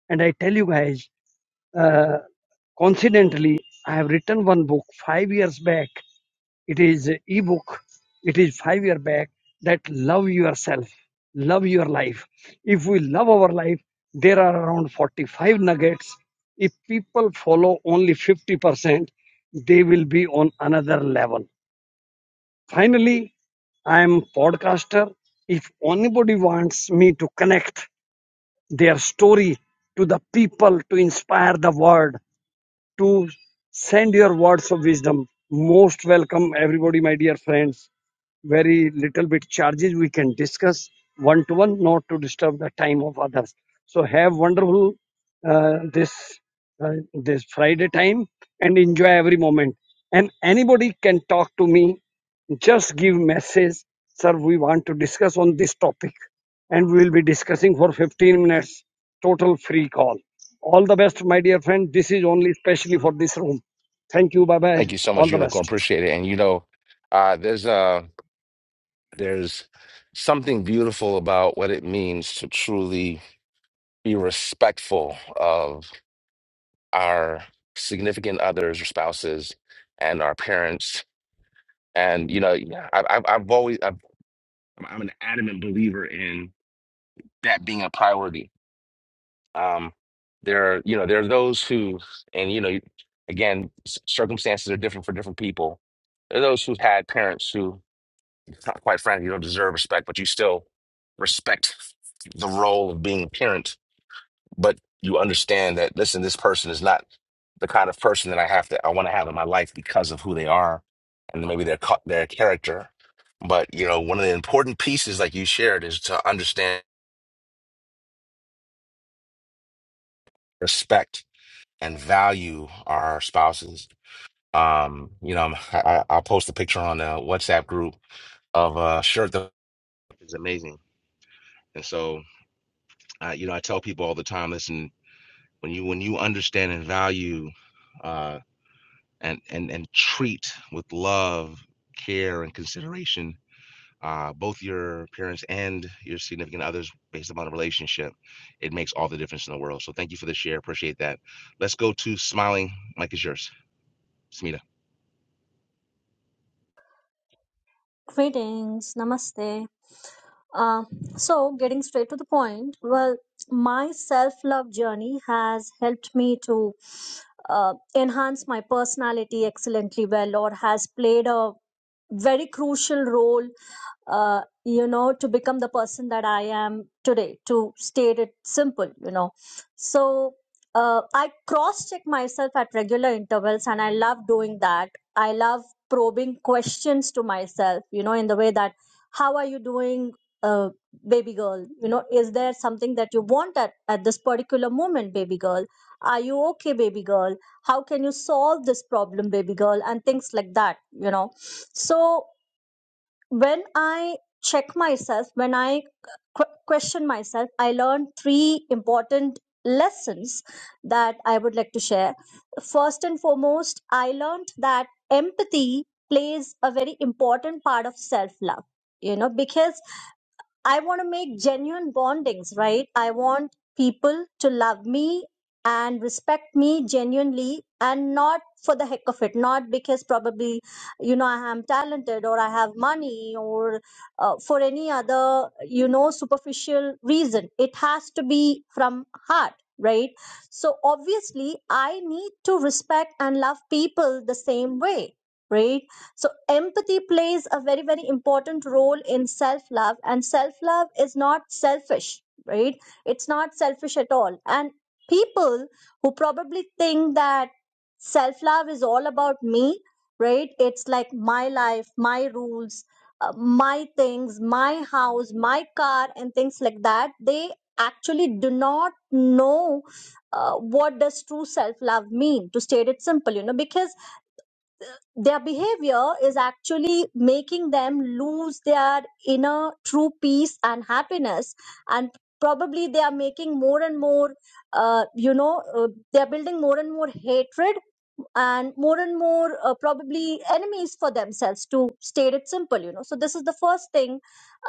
And I tell you guys, uh, coincidentally, I have written one book five years back it is ebook. It is five year back that love yourself, love your life. If we love our life, there are around 45 nuggets. If people follow only 50%, they will be on another level. Finally, I am podcaster. If anybody wants me to connect their story to the people to inspire the world, to send your words of wisdom. Most welcome, everybody, my dear friends. Very little bit charges we can discuss one to one, not to disturb the time of others. So have wonderful uh, this uh, this Friday time and enjoy every moment. And anybody can talk to me just give message, sir. We want to discuss on this topic, and we will be discussing for 15 minutes. Total free call. All the best, my dear friend. This is only specially for this room. Thank you. Bye bye. Thank you so All much, the unicorn. best. Appreciate it. And you know, uh, there's a There's something beautiful about what it means to truly be respectful of our significant others or spouses and our parents. And, you know, yeah, I, I've, I've always, I've, I'm an adamant believer in that being a priority. Um, there are, you know, there are those who, and, you know, again, c- circumstances are different for different people. There are those who've had parents who Not quite frankly, you don't deserve respect, but you still respect the role of being a parent. But you understand that, listen, this person is not the kind of person that I have to, I want to have in my life because of who they are and maybe their, cu- their character. But, you know, one of the important pieces, like you shared, is to understand respect and value our spouses. Um, you know, I'm- I, I- I'll post a picture on the WhatsApp group of a shirt that is amazing. And so, uh, you know, I tell people all the time, listen. when you when you understand and value uh, and and and treat with love, care, and consideration uh, both your parents and your significant others based upon a relationship, it makes all the difference in the world. So thank you for the share. Appreciate that. Let's go to smiling. Mike is yours. Smita. Greetings, namaste. Uh, so, getting straight to the point, well, my self love journey has helped me to uh, enhance my personality excellently well, or has played a very crucial role, uh, you know, to become the person that I am today, to state it simple, you know. So, uh, I cross check myself at regular intervals, and I love doing that. I love probing questions to myself you know in the way that how are you doing uh, baby girl you know is there something that you want at, at this particular moment baby girl are you okay baby girl how can you solve this problem baby girl and things like that you know so when I check myself, when I qu- question myself, I learned three important lessons that I would like to share. First and foremost, I learned that empathy plays a very important part of self love. You know, because I want to make genuine bondings, right? I want people to love me and respect me genuinely and not for the heck of it, not because probably, you know, I am talented or I have money or uh, for any other, you know, superficial reason. It has to be from heart, right? So obviously, I need to respect and love people the same way, right? So, empathy plays a very, very important role in self love, and self love is not selfish, right? It's not selfish at all. And people who probably think that self love is all about me, right? It's like my life, my rules, uh, my things, my house, my car, and things like that, they actually do not know uh, what does true self love mean to state it simple you know because their behavior is actually making them lose their inner true peace and happiness and probably they are making more and more uh, you know uh, they are building more and more hatred and more and more uh, probably enemies for themselves to state it simple you know so this is the first thing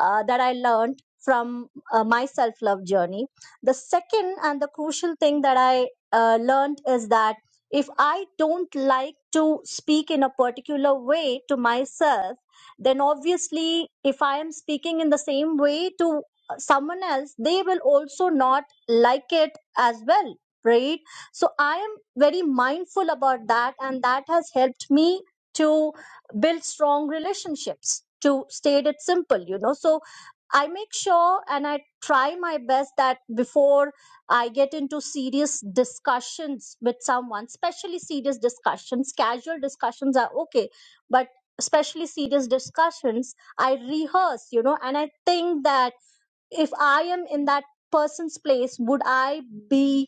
uh, that i learned from uh, my self love journey the second and the crucial thing that i uh, learned is that if I don't like to speak in a particular way to myself, then obviously, if I am speaking in the same way to uh, someone else, they will also not like it as well, right? So I am very mindful about that, and that has helped me to build strong relationships. To state it simple, you know, so I make sure and I try my best that before I get into serious discussions with someone, especially serious discussions. Casual discussions are okay, but especially serious discussions, I rehearse, you know, and I think that if I am in that person's place, would I be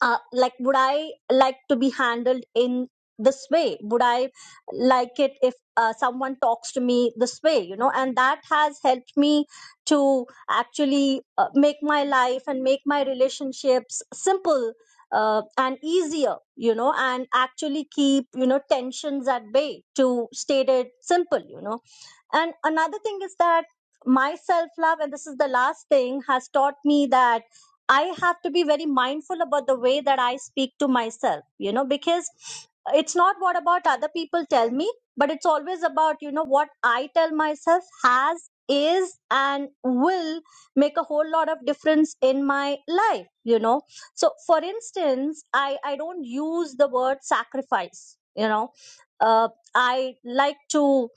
uh, like would i like to be handled in this way would i like it if uh, someone talks to me this way you know and that has helped me to actually uh, make my life and make my relationships simple uh, and easier you know and actually keep you know tensions at bay to state it simple you know and another thing is that my self love, and this is the last thing, has taught me that I have to be very mindful about the way that I speak to myself, you know, because it's not what about other people tell me, but it's always about, you know, what I tell myself has, is, and will make a whole lot of difference in my life, you know. So, for instance, I, I don't use the word sacrifice, you know. Uh, I like to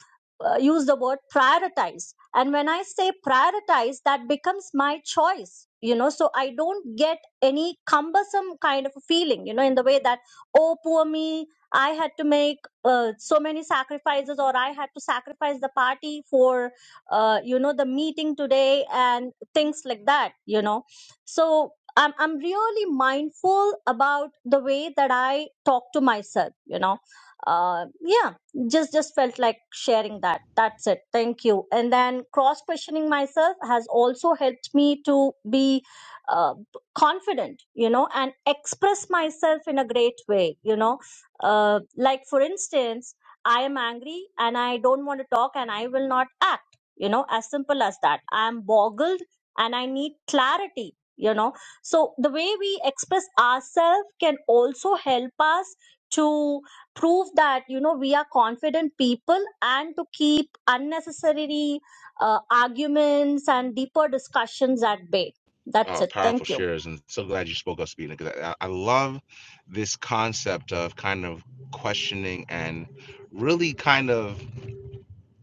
uh, use the word prioritize and when i say prioritize that becomes my choice you know so i don't get any cumbersome kind of a feeling you know in the way that oh poor me i had to make uh, so many sacrifices or i had to sacrifice the party for uh, you know the meeting today and things like that you know so I'm, I'm really mindful about the way that i talk to myself you know uh, yeah just just felt like sharing that that's it thank you and then cross questioning myself has also helped me to be uh, confident you know and express myself in a great way you know uh, like for instance i am angry and i don't want to talk and i will not act you know as simple as that i am boggled and i need clarity you know so the way we express ourselves can also help us to prove that you know we are confident people and to keep unnecessary uh, arguments and deeper discussions at bay that's Oh, it powerful thank you shares, and so glad you spoke up, Speeding, because I, I love this concept of kind of questioning and really kind of,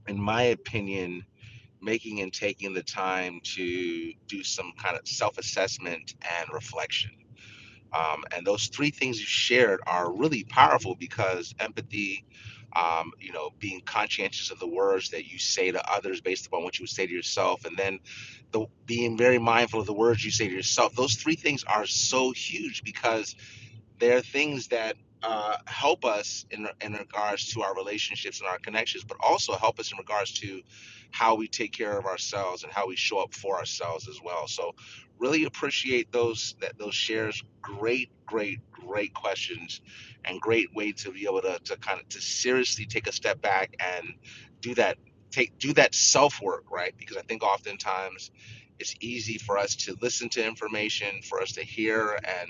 in my opinion, making and taking the time to do some kind of self assessment and reflection. Um, and those three things you shared are really powerful because empathy, um, you know, being conscientious of the words that you say to others based upon what you would say to yourself, and then the being very mindful of the words you say to yourself. Those three things are so huge because there are things that uh, help us in, in regards to our relationships and our connections, but also help us in regards to how we take care of ourselves and how we show up for ourselves as well. So, really appreciate those that those shares. Great, great, great questions, and great way to be able to, to kind of to seriously take a step back and do that take do that self work, right? Because I think oftentimes it's easy for us to listen to information, for us to hear and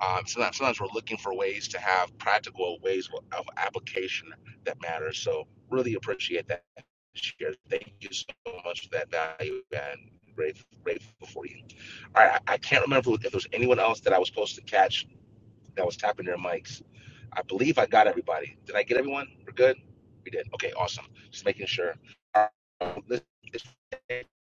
um, sometimes, sometimes we're looking for ways to have practical ways of application that matters. So really appreciate that share. Thank you so much for that value and grateful, grateful for you. All right, I, I can't remember if there was anyone else that I was supposed to catch that was tapping their mics. I believe I got everybody. Did I get everyone? We're good. We did. Okay, awesome. Just making sure. All right, let's-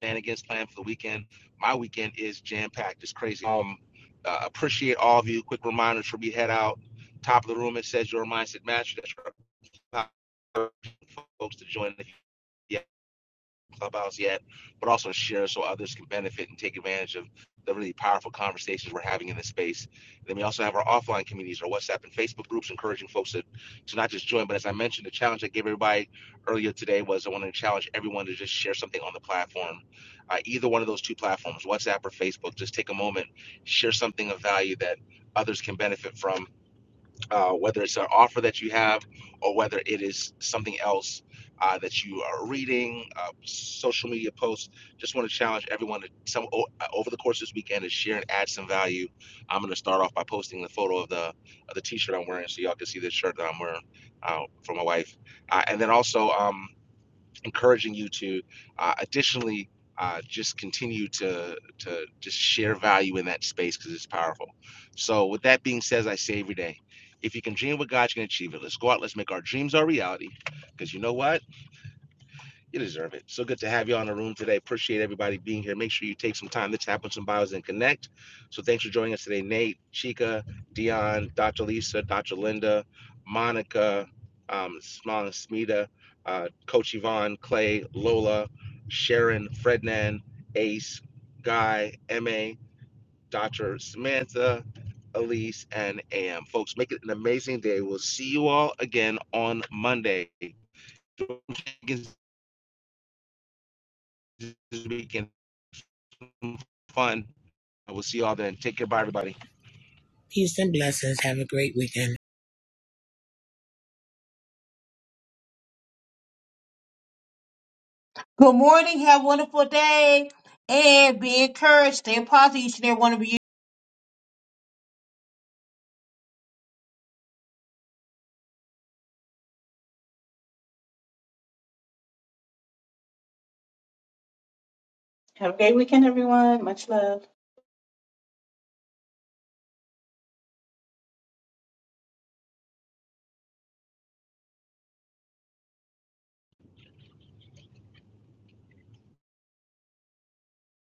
shenanigans planned for the weekend. My weekend is jam packed. It's crazy. Um, uh, appreciate all of you. Quick reminders for me: head out. Top of the room, it says your mindset master. That's right. Folks to join if Clubhouse yet, but also share so others can benefit and take advantage of the really powerful conversations we're having in this space. And then we also have our offline communities, our WhatsApp and Facebook groups, encouraging folks to, to not just join, but as I mentioned, the challenge I gave everybody earlier today was I wanted to challenge everyone to just share something on the platform, uh, either one of those two platforms, WhatsApp or Facebook. Just take a moment, share something of value that others can benefit from uh, whether it's an offer that you have or whether it is something else uh, that you are reading, uh, social media posts. Just want to challenge everyone to some o- uh, over the course of this weekend to share and add some value. I'm going to start off by posting the photo of the of the T-shirt I'm wearing, so y'all can see the shirt that I'm wearing uh, for my wife, uh, and then also. Um, encouraging you to uh, additionally uh, just continue to to just share value in that space because it's powerful. So with that being said, as I say every day, if you can dream what God, you can achieve it. Let's go out. Let's make our dreams our reality. Because you know what? You deserve it. So good to have you on the room today. Appreciate everybody being here. Make sure you take some time. to tap on some Bios and Connect. So thanks for joining us today, Nate, Chica, Dion, Dr. Lisa, Dr. Linda, Monica, um, Smana Smita, uh, Coach Yvonne, Clay, Lola, Sharon, Frednan, Ace, Guy, MA, Dr. Samantha, Elise, and AM. Folks, make it an amazing day. We'll see you all again on Monday. This weekend fun. we will see y'all then. Take care. Bye, everybody. Peace and blessings. Have a great weekend. Good morning. Have a wonderful day, and be encouraged. Stay positive each and every one of you. Have a great weekend, everyone. Much love.